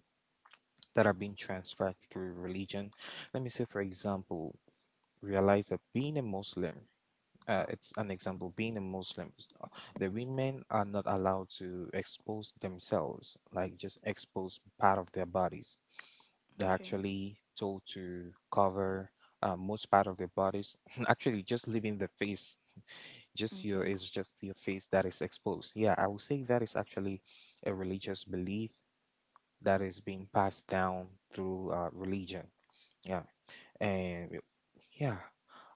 Speaker 1: that are being transferred through religion, let me say, for example, realize that being a Muslim, it's an example, being a Muslim, the women are not allowed to expose themselves, like just expose part of their bodies. They're
Speaker 2: Okay.
Speaker 1: actually told to cover, most part of their bodies, (laughs) actually just leaving the face. Just your
Speaker 2: Okay.
Speaker 1: is just your face that is exposed. Yeah, I would say that is actually a religious belief that is being passed down through, religion. Yeah and y- yeah.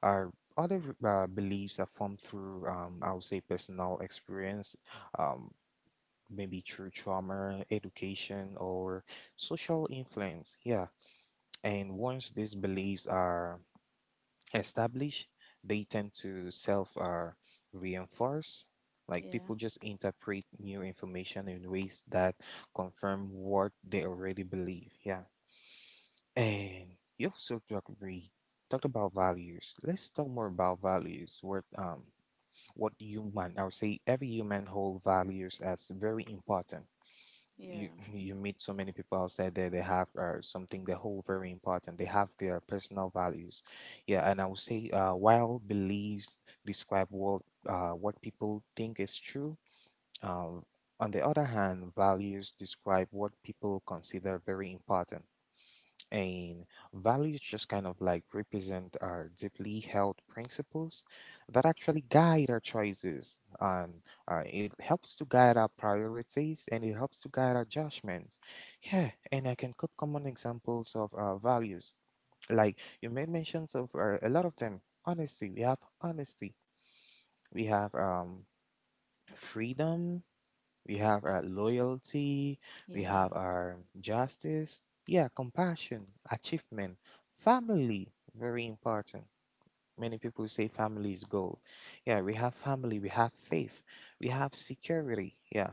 Speaker 1: Our other, beliefs are formed through, I would say personal experience, um, maybe through trauma, education, or social influence. Yeah. And once these beliefs are established, they tend to self reinforce. Like, people
Speaker 2: Yeah.
Speaker 1: just interpret new information in ways that confirm what they already believe. Yeah. And you also talk we talked about values. Let's talk more about values. What human I would say every human hold values as very important. You
Speaker 2: Yeah.
Speaker 1: (laughs) you meet so many people outside there. They have, something they hold very important. They have their personal values. Yeah, and I would say, while beliefs describe what, what people think is true. Um, on the other hand, values describe what people consider very important. And values just kind of like represent our deeply held principles that actually guide our choices. And, it helps to guide our priorities, and it helps to guide our judgments. Yeah, and I can quote common examples of, values. Like, you made mentions of, a lot of them. Honesty, we have honesty, we have, freedom, we have our loyalty, we
Speaker 2: Yeah,
Speaker 1: have our justice, yeah, compassion, achievement, family, very important. Many people say family is gold. Yeah, we have family, we have faith, we have security. Yeah,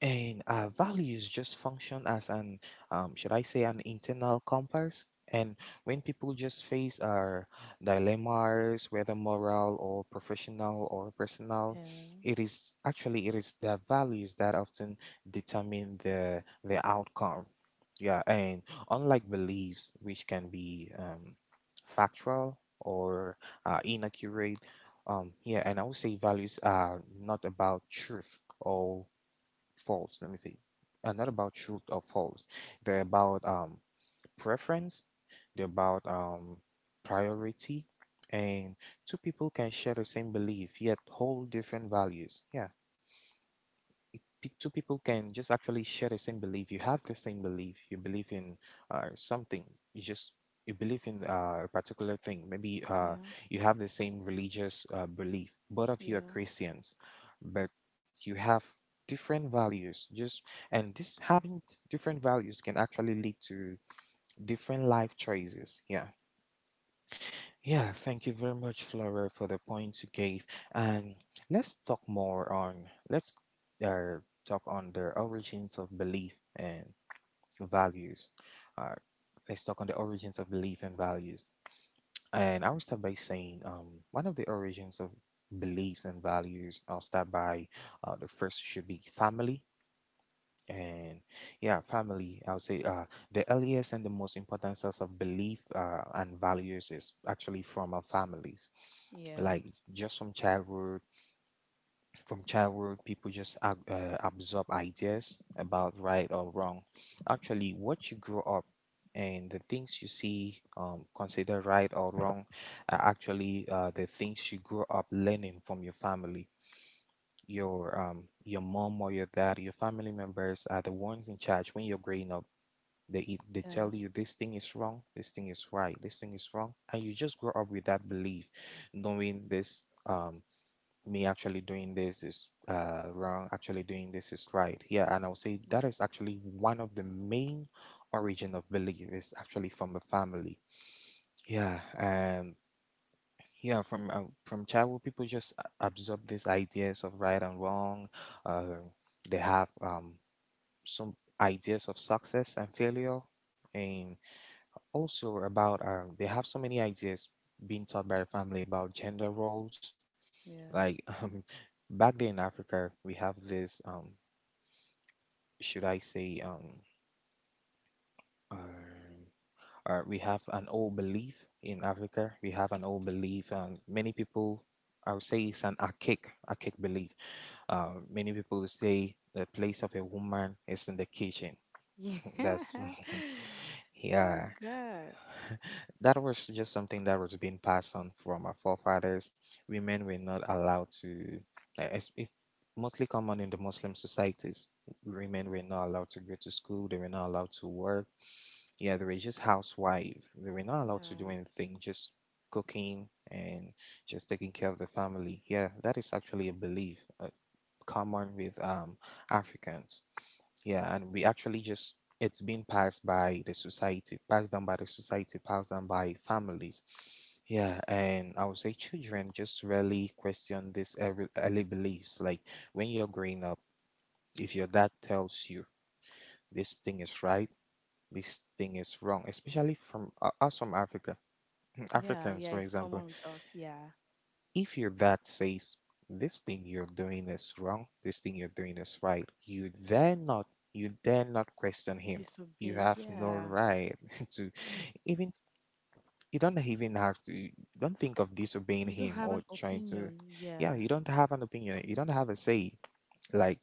Speaker 1: and our values just function as an, should I say, an internal compass. And when people just face our dilemmas, whether moral or professional or personal,
Speaker 2: yeah,
Speaker 1: it is their values that often determine the outcome. Yeah, and unlike beliefs, which can be, factual or, inaccurate, yeah, and I would say values are not about truth or false. Let me see. Not about truth or false. They're about, um, preference. They're about, um, priority. And two people can share the same belief yet hold different values. Yeah, two people can just actually share the same belief. You have the same belief. You believe in, something. You just you believe in, a particular thing. Maybe,
Speaker 2: yeah,
Speaker 1: you have the same religious, belief. Both of you are
Speaker 2: yeah,
Speaker 1: Christians, but you have different values. Just, and this having different values can actually lead to different life choices. Yeah. Yeah, thank you very much, Flora, for the points you gave. And let's talk more on let's talk on the origins of belief and values. Uh, let's talk on the origins of belief and values. And I will start by saying one of the origins of beliefs and values. I'll start by the first should be family. And yeah, family, I would say the earliest and the most important source of belief and values is actually from our families.
Speaker 2: yeah, yeah,
Speaker 1: Like just from childhood, from childhood, people just absorb ideas about right or wrong. Actually, what you grow up and the things you see consider right or wrong are actually the things you grow up learning from your family, your mom or your dad. Your family members are the ones in charge when you're growing up. They eat, they tell you this thing is wrong, this thing is right, this thing is wrong, and you just grow up with that belief, knowing this me actually doing this is wrong, actually doing this is right. Yeah, and I'll say that is actually one of the main origin of belief is actually from the family. Yeah, and yeah, from childhood, people just absorb these ideas of right and wrong. Uh, they have some ideas of success and failure, and also about they have so many ideas being taught by the family about gender roles.
Speaker 2: yeah,
Speaker 1: Like (laughs) back then in Africa, we have this should I say uh, we have an old belief in Africa. We have an old belief, and many people I would say it's an archaic belief. Many people say the place of a woman is in the kitchen.
Speaker 2: yeah,
Speaker 1: (laughs) That's
Speaker 2: yeah. (laughs)
Speaker 1: (laughs)
Speaker 2: Oh
Speaker 1: yeah.
Speaker 2: God,
Speaker 1: (laughs) That was just something that was being passed on from our forefathers. Women were not allowed to. It's mostly common in the Muslim societies. Women were not allowed to go to school. They were not allowed to work. Yeah, they were just housewives. They were not allowed to do
Speaker 2: yeah,
Speaker 1: anything. Just cooking and just taking care of the family. Yeah, that is actually a belief common with Africans. Yeah, and we actually just it's been passed by the society, passed down by the society, passed down by families. Yeah, and I would say children just rarely question these early beliefs. Like when you're growing up, if your dad tells you this thing is right, this thing is wrong, especially from us from Africa, (clears throat)
Speaker 2: yeah,
Speaker 1: Africans,
Speaker 2: yeah.
Speaker 1: for
Speaker 2: It's common
Speaker 1: example.
Speaker 2: with us. Yeah,
Speaker 1: If your gut says this thing you're doing is wrong, this thing you're doing is right, you dare not question him. You
Speaker 2: disobey.
Speaker 1: have no
Speaker 2: Yeah,
Speaker 1: right (laughs) to even you don't even have to don't think of disobeying
Speaker 2: you don't
Speaker 1: him
Speaker 2: have
Speaker 1: or
Speaker 2: an
Speaker 1: trying to
Speaker 2: opinion.
Speaker 1: yeah,
Speaker 2: Yeah,
Speaker 1: you don't have an opinion, you don't have a say. Like,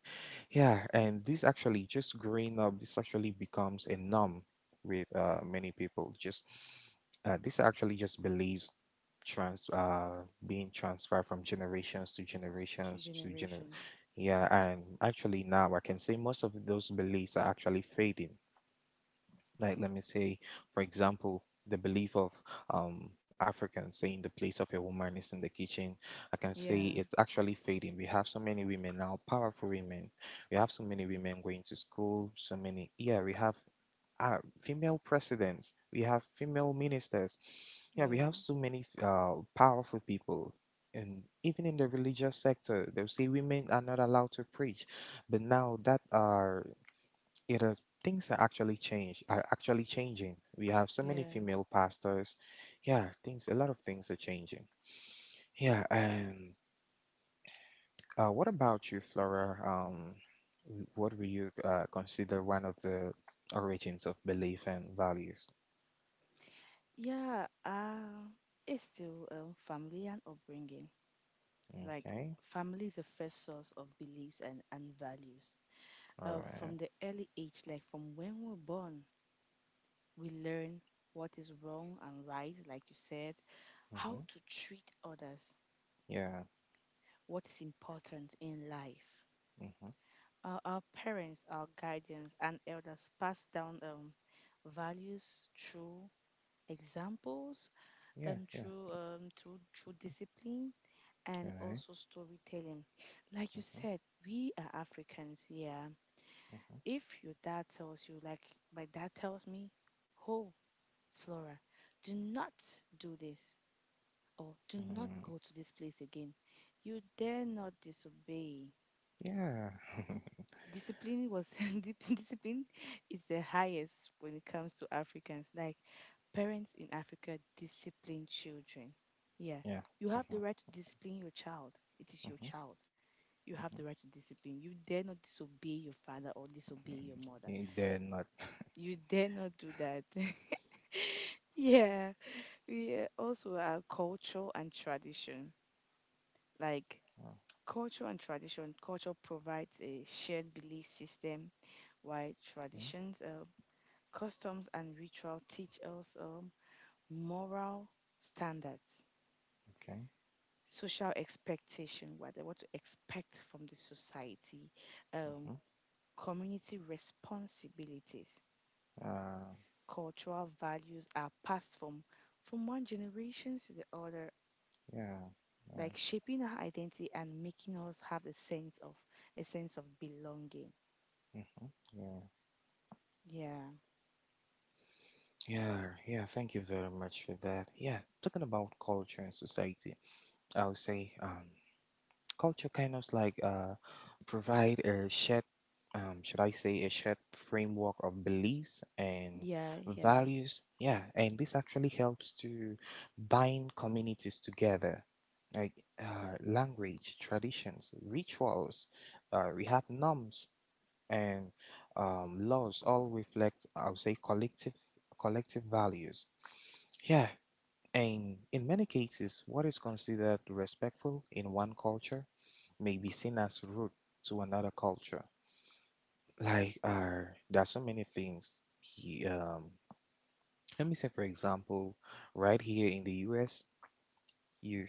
Speaker 1: yeah, and this actually just growing up, this actually becomes a norm with many people. Just this actually just believes trans being transferred from generations to
Speaker 2: two
Speaker 1: generations to gener
Speaker 2: generations.
Speaker 1: yeah, and actually now I can say most of those beliefs are actually fading. Like let me say, for example, the belief of Africans saying the place of a woman is in the kitchen, I can
Speaker 2: Yeah,
Speaker 1: say it's actually fading. We have so many women now, powerful women. We have so many women going to school, so many, yeah, we have female presidents, we have female ministers, yeah, we
Speaker 2: yeah,
Speaker 1: have so many powerful people. And even in the religious sector they'll say women are not allowed to preach, but now that are it is things are actually change are actually changing. We have so many
Speaker 2: yeah,
Speaker 1: female pastors. Yeah, things, a lot of things are changing. Yeah, and what about you, Flora? What do you consider one of the origins of belief and values?
Speaker 2: yeah. It's still family and upbringing. Like
Speaker 1: Okay,
Speaker 2: family is the first source of beliefs and values.
Speaker 1: all
Speaker 2: uh,
Speaker 1: right.
Speaker 2: from the early age, like from when we're born, we learn what is wrong and right, like you said, how
Speaker 1: Mm-hmm.
Speaker 2: to treat others,
Speaker 1: Yeah.
Speaker 2: what is important in life.
Speaker 1: Mm-hmm.
Speaker 2: Our parents, our guardians, and elders pass down values through examples,
Speaker 1: Yeah. Yeah.
Speaker 2: through through discipline,
Speaker 1: All
Speaker 2: and
Speaker 1: right.
Speaker 2: also storytelling. Like you
Speaker 1: Mm-hmm.
Speaker 2: said, we are Africans, yeah.
Speaker 1: Mm-hmm.
Speaker 2: If your dad tells you, like my dad tells me, oh, Flora, do not do this or do not
Speaker 1: Mm-hmm.
Speaker 2: go to this place again, you dare not disobey.
Speaker 1: Yeah. (laughs)
Speaker 2: Discipline was (laughs) Discipline is the highest when it comes to Africans. Like parents in Africa discipline children. Yeah.
Speaker 1: Yeah.
Speaker 2: You have the
Speaker 1: Mm-hmm.
Speaker 2: right to discipline your child. It is your
Speaker 1: Mm-hmm.
Speaker 2: child. You
Speaker 1: Mm-hmm.
Speaker 2: have the right to discipline. You dare not disobey your father or disobey your mother.
Speaker 1: Mm, they're not. (laughs)
Speaker 2: You dare not do that. (laughs) Yeah, we also have culture and tradition. Like culture and tradition, culture provides a shared belief system, while traditions, customs, and ritual teach us moral standards,
Speaker 1: Okay.
Speaker 2: social expectation, what to expect from the society, um,
Speaker 1: Mhm.
Speaker 2: community responsibilities.
Speaker 1: Uh,
Speaker 2: Cultural values are passed from one generation to the other,
Speaker 1: yeah, yeah,
Speaker 2: like shaping our identity and making us have a sense of belonging.
Speaker 1: hmm, yeah,
Speaker 2: Yeah,
Speaker 1: yeah, yeah. Thank you very much for that. Yeah, talking about culture and society, I would say culture kind of like provide a shared, should I say, a shared framework of beliefs and
Speaker 2: yeah, yeah,
Speaker 1: values. Yeah, and this actually helps to bind communities together. Like language, traditions, rituals, we have norms and laws all reflect, I would say, collective values. Yeah, and in many cases, what is considered respectful in one culture may be seen as rude to another culture. Like, there are so many things. Let me say, for example, right here in the U.S., you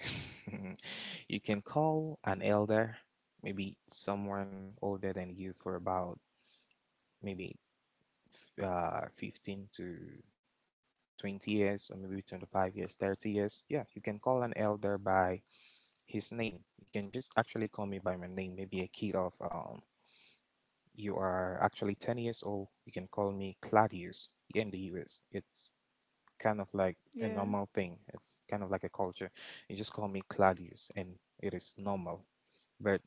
Speaker 1: (laughs) you can call an elder, maybe someone older than you, for about maybe 15 to 20 years or maybe 25 years, 30 years, yeah, you can call an elder by his name. You can just actually call me by my name. Maybe a kid of you are actually 10 years old, you can call me Claudius in the US. It's kind of like a
Speaker 2: yeah.
Speaker 1: normal thing. It's kind of like a culture. You just call me Claudius and it is normal. But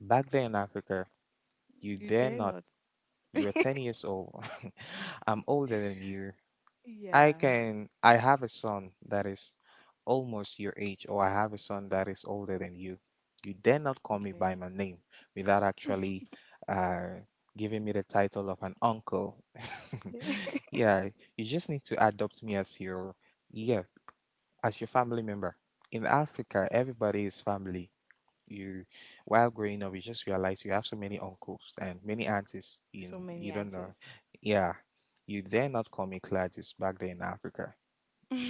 Speaker 1: back then in Africa, you
Speaker 2: You
Speaker 1: dare
Speaker 2: dare
Speaker 1: not.
Speaker 2: not. (laughs)
Speaker 1: You are 10 years old. (laughs) I'm older than you. I
Speaker 2: Yeah.
Speaker 1: can I have a son that is almost your age, or I have a son that is older than you. You dare not call me by
Speaker 2: Okay.
Speaker 1: my name without actually
Speaker 2: (laughs)
Speaker 1: uh, giving me the title of an uncle. (laughs)
Speaker 2: Yeah.
Speaker 1: Yeah, you just need to adopt me as your yeah as your family member. In Africa, everybody is family. You while growing up you just realize you have so many uncles and many aunties
Speaker 2: (laughs)
Speaker 1: in
Speaker 2: So
Speaker 1: you
Speaker 2: many
Speaker 1: don't know,
Speaker 2: answers.
Speaker 1: yeah, you dare not call me Classes back there in Africa.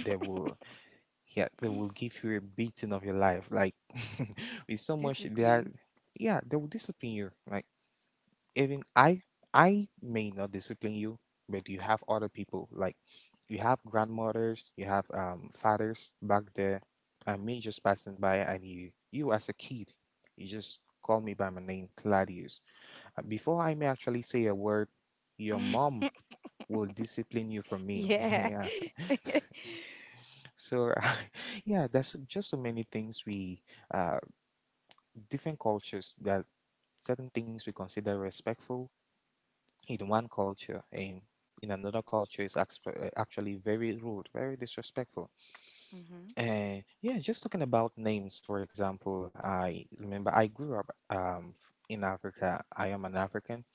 Speaker 1: They will yeah they will give you a beating of your life, like (laughs) with so much they are
Speaker 2: Discipline.
Speaker 1: yeah they will discipline you. Like, even I may not discipline you, but you have other people, like you have grandmothers, you have fathers back there, and me just passing by, and you as a kid, you just call me by my name, Claudius. And before I may actually say a word, your mom
Speaker 2: (laughs)
Speaker 1: will discipline you for me. (laughs)
Speaker 2: Yeah.
Speaker 1: Yeah. (laughs)
Speaker 2: (laughs)
Speaker 1: So (laughs) yeah, that's just so many things we uh different cultures that certain things we consider respectful in one culture in another culture is actually very rude, very disrespectful.
Speaker 2: Mhm.
Speaker 1: And yeah, just talking about names, for example, I remember I grew up in Africa, I am an African,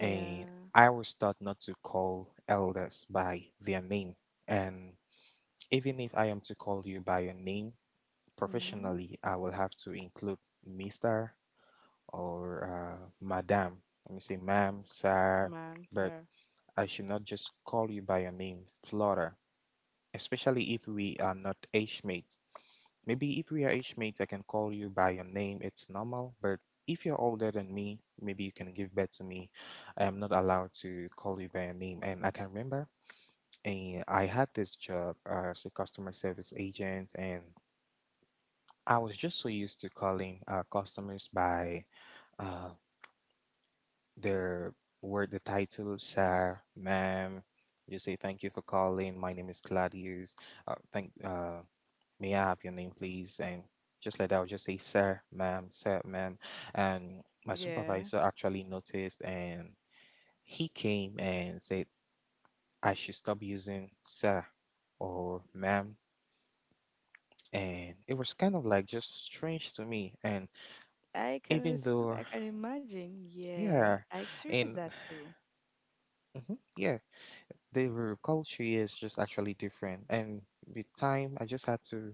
Speaker 1: and I was taught not to call elders by their name. And even if I am to call you by your name
Speaker 2: Mhm.
Speaker 1: professionally, I will have to include Mr. or madam, let me say ma'am, sir.
Speaker 2: Man,
Speaker 1: But
Speaker 2: sir.
Speaker 1: I should not just call you by your name, Flora, especially if we are not age mates. Maybe if we are age mates, I can call you by your name, it's normal, but if you're older than me, maybe you can give birth to me. I am not allowed to call you by your name. And I can remember I had this job as a customer service agent, and I was just so used to calling customers by uh, There were the title, sir, ma'am. You say thank you for calling. My name is Claudius. Thank. May I have your name, please? And just like that, I'll just say sir, ma'am, sir, ma'am. And my
Speaker 2: Yeah.
Speaker 1: supervisor actually noticed, and he came and said I should stop using sir or ma'am. And it was kind of like just strange to me. And even though,
Speaker 2: I can imagine. Yeah.
Speaker 1: yeah,
Speaker 2: I experienced
Speaker 1: and
Speaker 2: that too.
Speaker 1: Mhm. Yeah, their culture is just actually different. And with time, I just had to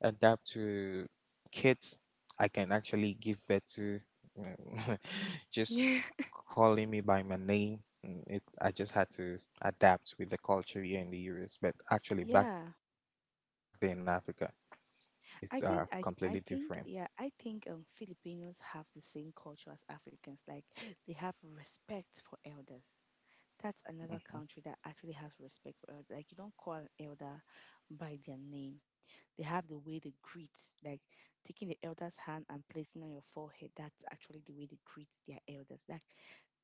Speaker 1: adapt to kids I can actually give birth to, um, (laughs) just
Speaker 2: Yeah. (laughs)
Speaker 1: calling me by my name. Mm, it, I just had to adapt with the culture here in the US. But actually, back there
Speaker 2: Yeah,
Speaker 1: in Africa, it's completely different.
Speaker 2: I think yeah I think Filipinos have the same culture as Africans. Like (gasps) they have respect for elders. That's
Speaker 1: Mhm.
Speaker 2: another country that actually has respect for elders. Like you don't call an elder by their name. They have the way they greet, like taking the elder's hand and placing on your forehead. That's actually the way they greet their elders. Like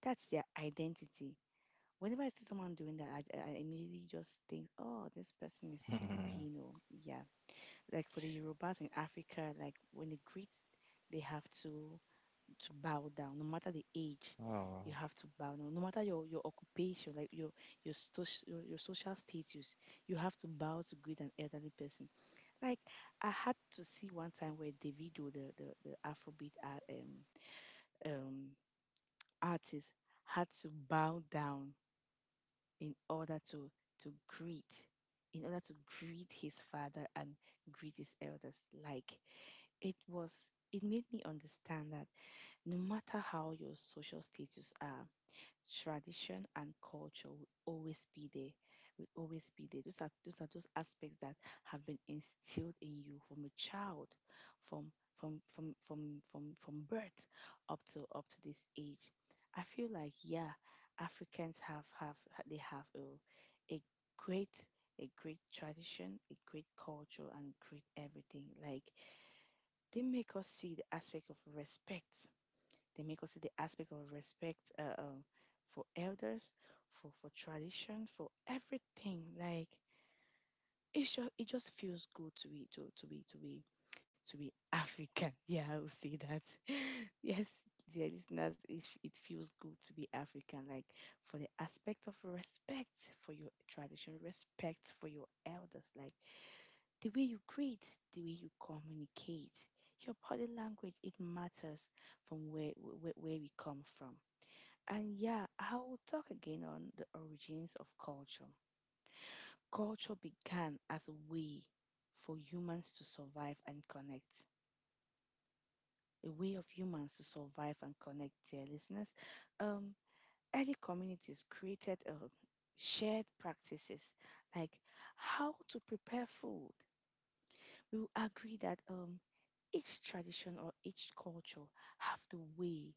Speaker 2: that's their identity. Whenever I see someone doing that, I immediately just think, oh, this person is
Speaker 1: (laughs)
Speaker 2: Filipino. Yeah. Like for the Yorubas in Africa, like when they greet, they have to bow down. No matter the age,
Speaker 1: Oh.
Speaker 2: you have to bow down. No matter your occupation, like your social status, you have to bow to greet an elderly person. Like I had to see one time where Davido, the Afrobeat um artist, had to bow down in order to to greet in order to greet his father and greet his elders. Like it was it made me understand that no matter how your social status are, tradition and culture will always be there, will always be there. Those aspects that have been instilled in you from a child, from from birth up to this age. I feel like, yeah, Africans have a great a great tradition, a great culture, and great everything. Like they make us see the aspect of respect, they make us see the aspect of respect for elders, for tradition, for everything. Like it just feels good to be to be to be African. (laughs) Yeah, I will say that. (laughs) Yes, dear listeners, it feels good to be African. Like for the aspect of respect for your tradition, respect for your elders, like the way you greet, the way you communicate, your body language, it matters from where we come from. And yeah, I will talk again on the origins of culture. Culture began as a way for humans to survive and connect. A way of humans to survive and connect, dear listeners. Um, early communities created shared practices, like how to prepare food. We will agree that each tradition or each culture have the way,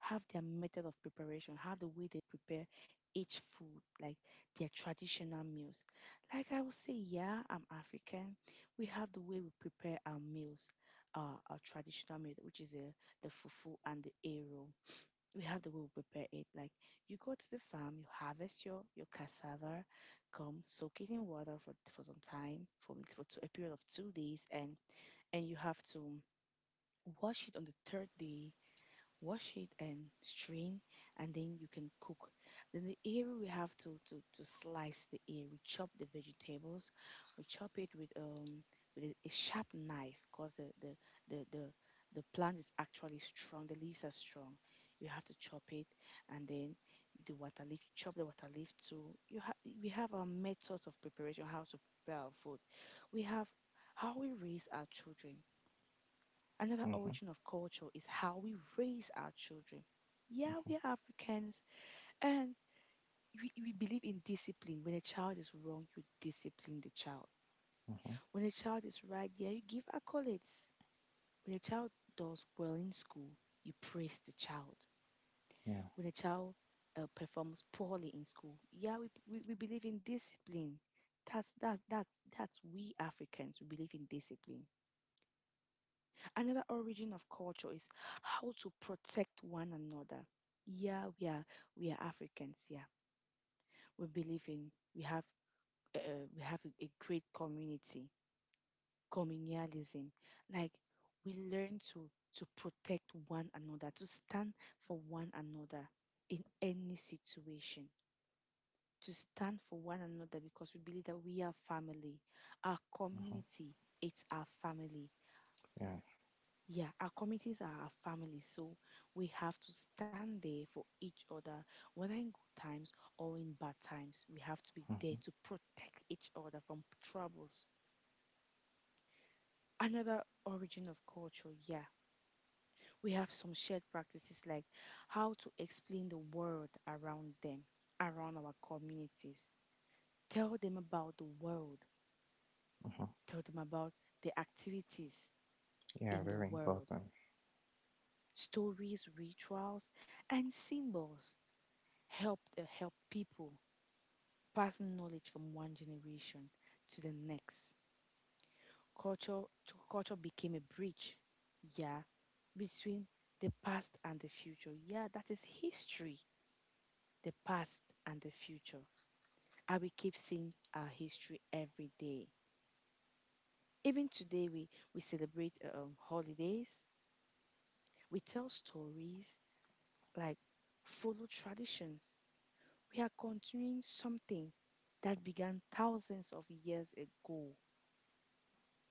Speaker 2: have their method of preparation, have the way they prepare each food, like their traditional meals. Like I would say, yeah, I'm African. We have the way we prepare our meals, our traditional meal, which is the fufu and the ero. We have the way we prepare it. Like you go to the farm, you harvest your cassava, come soak it in water for some time, a period of 2 days, and you have to wash it on the third day. Wash it and strain, and then you can cook. Then the area, we have to slice the ear. We chop the vegetables, we chop it with a sharp knife because the the the plant is actually strong, the leaves are strong. You have to chop it, and then the water leaf. You chop the water leaf too. We have our methods of preparation, how to prepare our food. We have how we raise our children. Another
Speaker 1: Mm-hmm,
Speaker 2: origin of culture is how we raise our children. Yeah, we are Africans and we believe in discipline. When a child is wrong, you discipline the child.
Speaker 1: mm-hmm,
Speaker 2: When a child is right, yeah, you give accolades. When a child does well in school, you praise the child.
Speaker 1: yeah,
Speaker 2: When a child performs poorly in school, yeah, we believe in discipline. That's that that's we Africans. We believe in discipline. Another origin of culture is how to protect one another. Yeah, we are Africans. Yeah, we believe in we have a great community, communalism. Like we learn to protect one another, to stand for one another in any situation, to stand for one another because we believe that we are family. Our
Speaker 1: mhm,
Speaker 2: community, it's our family.
Speaker 1: yeah,
Speaker 2: Yeah, our communities are our families, so we have to stand there for each other, whether in good times or in bad times. We have to be
Speaker 1: mhm,
Speaker 2: there to protect each other from troubles. Another origin of culture, yeah. We have some shared practices like how to explain the world around them, around our communities. Tell them about the world,
Speaker 1: mhm.
Speaker 2: tell them about the activities
Speaker 1: Yeah,
Speaker 2: in the
Speaker 1: very
Speaker 2: world,
Speaker 1: important.
Speaker 2: stories, rituals, and symbols help help people passing knowledge from one generation to the next. Culture culture became a bridge, yeah, between the past and the future. Yeah, that is history, the past and the future. And we keep seeing our history every day. Even today, we celebrate holidays. We tell stories like follow traditions. We are continuing something that began thousands of years ago.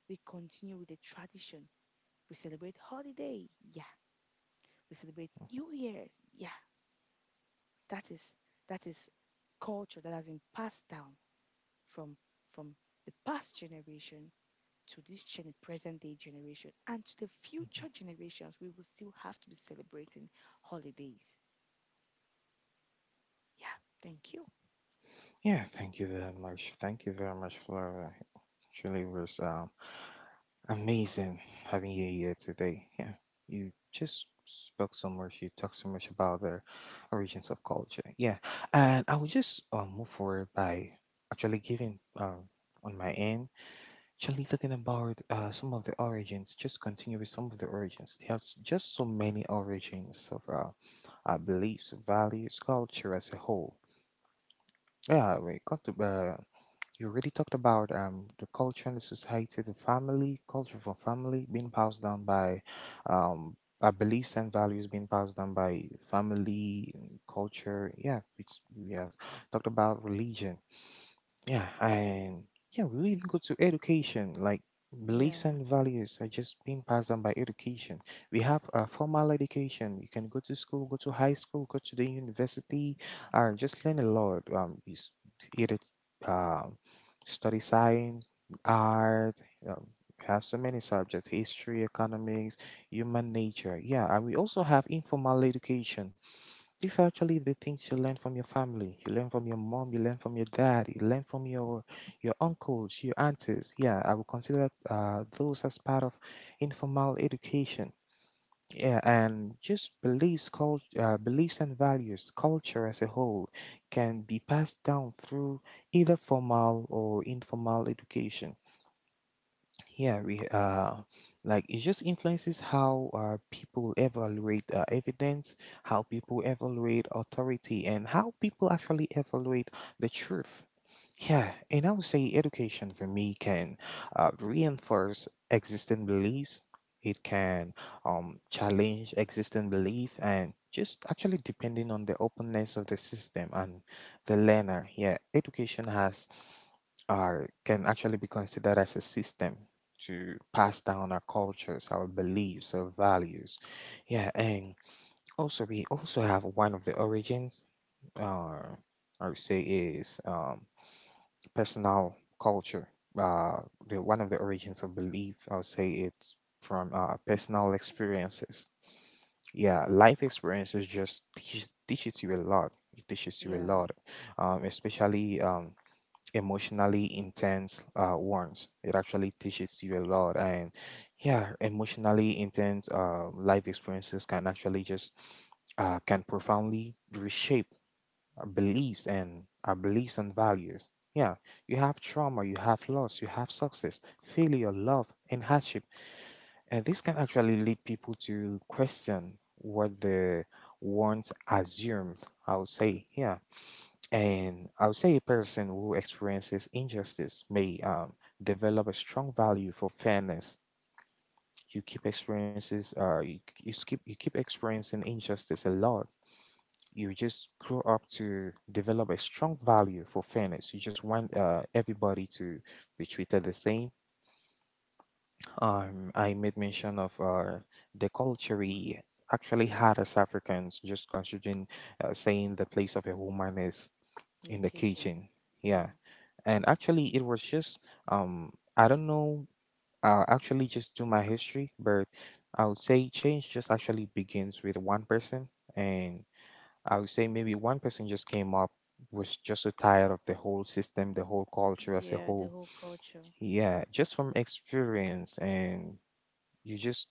Speaker 2: We continue with the tradition. We celebrate holiday, yeah. We celebrate New Year, yeah. That is that is culture that has been passed down from from the past generation to this present day generation and to the future generations. We will still have to be celebrating holidays. Yeah, thank you.
Speaker 1: Yeah, thank you very much. Thank you very much, Flora. It truly was amazing having you here today. Yeah, you just spoke so much. You talked so much about the origins of culture. Yeah, and I will just move forward by actually giving on my end. Actually, talking about some of the origins, just continue with some of the origins. There's just so many origins of our beliefs, values, culture as a whole. Yeah, we got to, you already talked about the culture and the society, the family, culture from family being passed down by um, our beliefs and values being passed down by family, culture. Yeah, we have talked about religion, yeah, and yeah, we even go to education. Like beliefs
Speaker 2: Yeah,
Speaker 1: and values are just being passed down by education. We have a formal education. You can go to school, go to high school, go to the university, just learn a lot. Either um, study science, art. Um, have so many subjects: history, economics, human nature. Yeah, and we also have informal education, these are actually the things you learn from your family. You learn from your mom, you learn from your dad, you learn from your uncles, your aunties. Yeah, I would consider those as part of informal education. Yeah, and just beliefs and values, culture as a whole, can be passed down through either formal or informal education. Yeah, we like it just influences how people evaluate evidence, how people evaluate authority, and how people actually evaluate the truth. Yeah, and I would say education for me can reinforce existing beliefs. It can challenge existing belief, and just actually depending on the openness of the system and the learner. Yeah, education has are can actually be considered as a system to pass down our cultures, our beliefs, our values. Yeah, and also we also have one of the origins. Uh, I would say is personal culture. Uh, the one of the origins of belief, I would say it's from personal experiences. Yeah, life experiences just teaches you a lot. It teaches you a
Speaker 2: yeah,
Speaker 1: lot, especially emotionally intense ones. It actually teaches you a lot, and yeah, emotionally intense life experiences can actually just can profoundly reshape beliefs and our beliefs and values. Yeah, you have trauma, you have loss, you have success, failure, love, and hardship, and this can actually lead people to question what they once assumed. I would say, yeah, and I would say a person who experiences injustice may develop a strong value for fairness. You keep you keep experiencing injustice a lot, you just grow up to develop a strong value for fairness. You just want everybody to be treated the same. I made mention of the culture we actually had as Africans, just considering saying the place of a woman is
Speaker 2: in the
Speaker 1: in the
Speaker 2: kitchen.
Speaker 1: kitchen.
Speaker 2: Yeah,
Speaker 1: Yeah. And actually, it was just, I don't know, I'll actually just do my history, but I would say change just actually begins with one person. And I would say maybe one person just came up, was just so tired of the whole system, the whole culture as a
Speaker 2: yeah, the
Speaker 1: whole.
Speaker 2: whole culture.
Speaker 1: Yeah, just from experience, and you just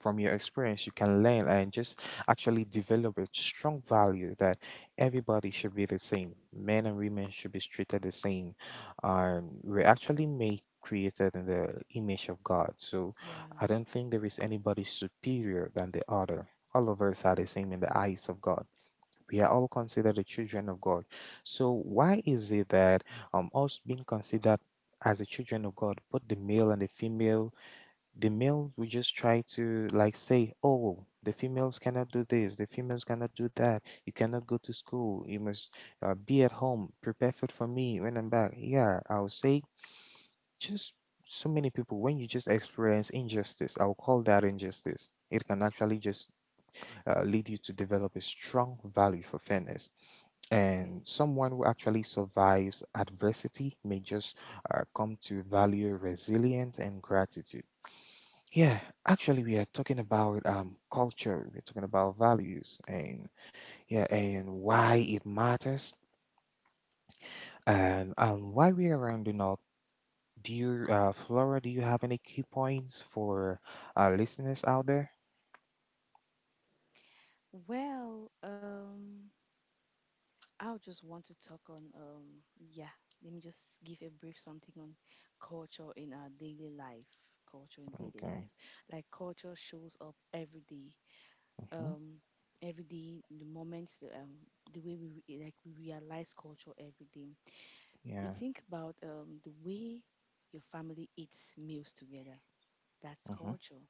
Speaker 1: from your experience, you can learn and just actually develop a strong value that everybody should be the same. Men and women should be treated the same. We're actually made created in the image of God. So
Speaker 2: Yeah,
Speaker 1: I don't think there is anybody superior than the other. All of us are the same in the eyes of God, we are all considered the children of God. So why is it that us being considered as the children of God, both the male and the female, the male we just try to like say, oh, the females cannot do this, the females cannot do that. You cannot go to school. You must be at home, prepare food for me when I'm back. Yeah, I'll say just so many people when you just experience injustice, I'll call that injustice. It can actually just lead you to develop a strong value for fairness. And
Speaker 2: okay.
Speaker 1: someone who actually survives adversity may just come to value resilience and gratitude. Yeah, actually, we are talking about culture, we're talking about values, and yeah, and why it matters, and why we are rounding up. Do you, Flora, do you have any key points for our listeners out there?
Speaker 2: Well, I just want to talk on yeah, let me just give a brief something on culture in our daily life. Culture in daily
Speaker 1: Okay.
Speaker 2: life. Like culture shows up every day.
Speaker 1: Mm-hmm.
Speaker 2: Um every day the moments the way like we realize culture every day. We
Speaker 1: Yeah.
Speaker 2: think about the way your family eats meals together. That's
Speaker 1: Mm-hmm.
Speaker 2: culture.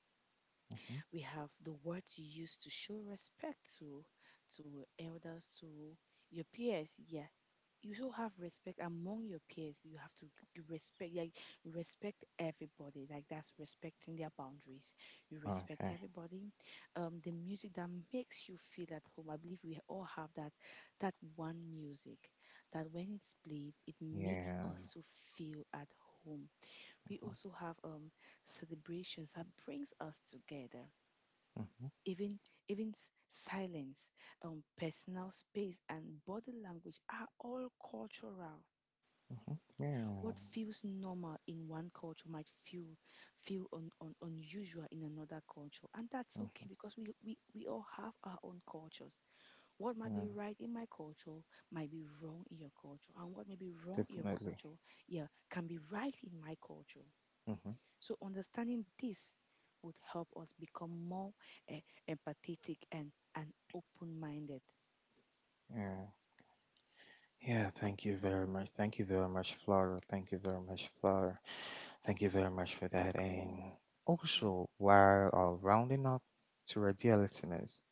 Speaker 1: Mm-hmm.
Speaker 2: We have the words you use to show respect to elders to your peers, yeah, you should have respect among your peers. You have to respect, like, respect everybody, like that's respecting their boundaries. You respect
Speaker 1: Okay.
Speaker 2: everybody. Um, the music that makes you feel at home, I believe we all have that, that one music that when it's played it makes
Speaker 1: Yeah.
Speaker 2: us to feel at home. We also have celebrations that brings us together.
Speaker 1: Mm-hmm.
Speaker 2: Even silence, personal space and body language are all cultural.
Speaker 1: Mm-hmm. Yeah.
Speaker 2: What feels normal in one culture might feel unusual in another culture, and that's
Speaker 1: Mm-hmm.
Speaker 2: okay because we all have our own cultures. What might
Speaker 1: Yeah.
Speaker 2: be right in my culture might be wrong in your culture, and what may be wrong in your
Speaker 1: Definitely.
Speaker 2: culture, yeah, can be right in my culture.
Speaker 1: Mm-hmm.
Speaker 2: So understanding this would help us become more eh, empathetic and open-minded.
Speaker 1: Yeah. Yeah. Thank you very much. Thank you very much, Flora. Thank you very much, Flora. Thank you very much for that. And
Speaker 2: Yeah.
Speaker 1: also, while rounding up to our dear listeners,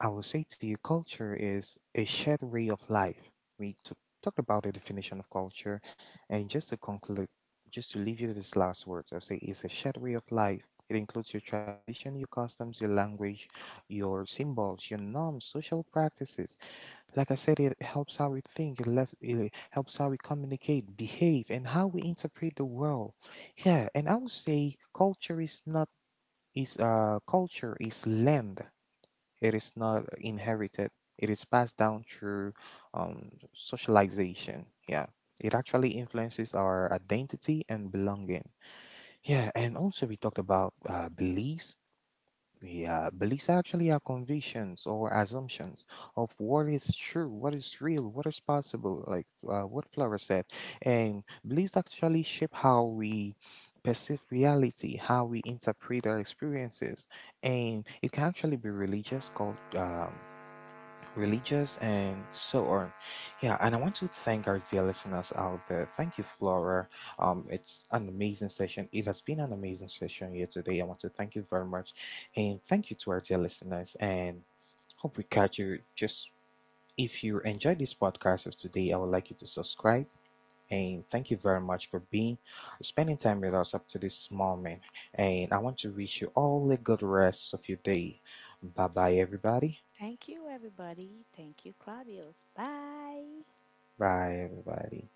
Speaker 1: I would say to you, culture is a shared way of life. We t- Talked about the definition of culture, and just to conclude, just to leave you with this last words, I would say it's a shared way of life. It includes your tradition, your customs, your language, your symbols, your norms, social practices. Like I said, it helps how we think, it helps how we communicate, behave, and how we interpret the world. Yeah, and I would say culture is land, it is not inherited. It is passed down through socialization. Yeah. It actually influences our identity and belonging. Yeah. And also, we talked about beliefs. Yeah, beliefs actually are convictions or assumptions of what is true, what is real, what is possible, like what Flora said. And beliefs actually shape how we perceive reality, how we interpret our experiences, and it can actually be religious, called and so on. Yeah, and I want to thank our dear listeners out there. Thank you, Flora. It's an amazing session. It has been an amazing session here today. I want to thank you very much, and thank you to our dear listeners. And hope we catch you. Just if you enjoyed this podcast of today, I would like you to subscribe. And thank you very much for being spending time with us up to this moment. And I want to wish you all a good rest of your day. Bye bye, everybody.
Speaker 2: Thank you, everybody. Thank you, Claudius. Bye.
Speaker 1: Bye, everybody.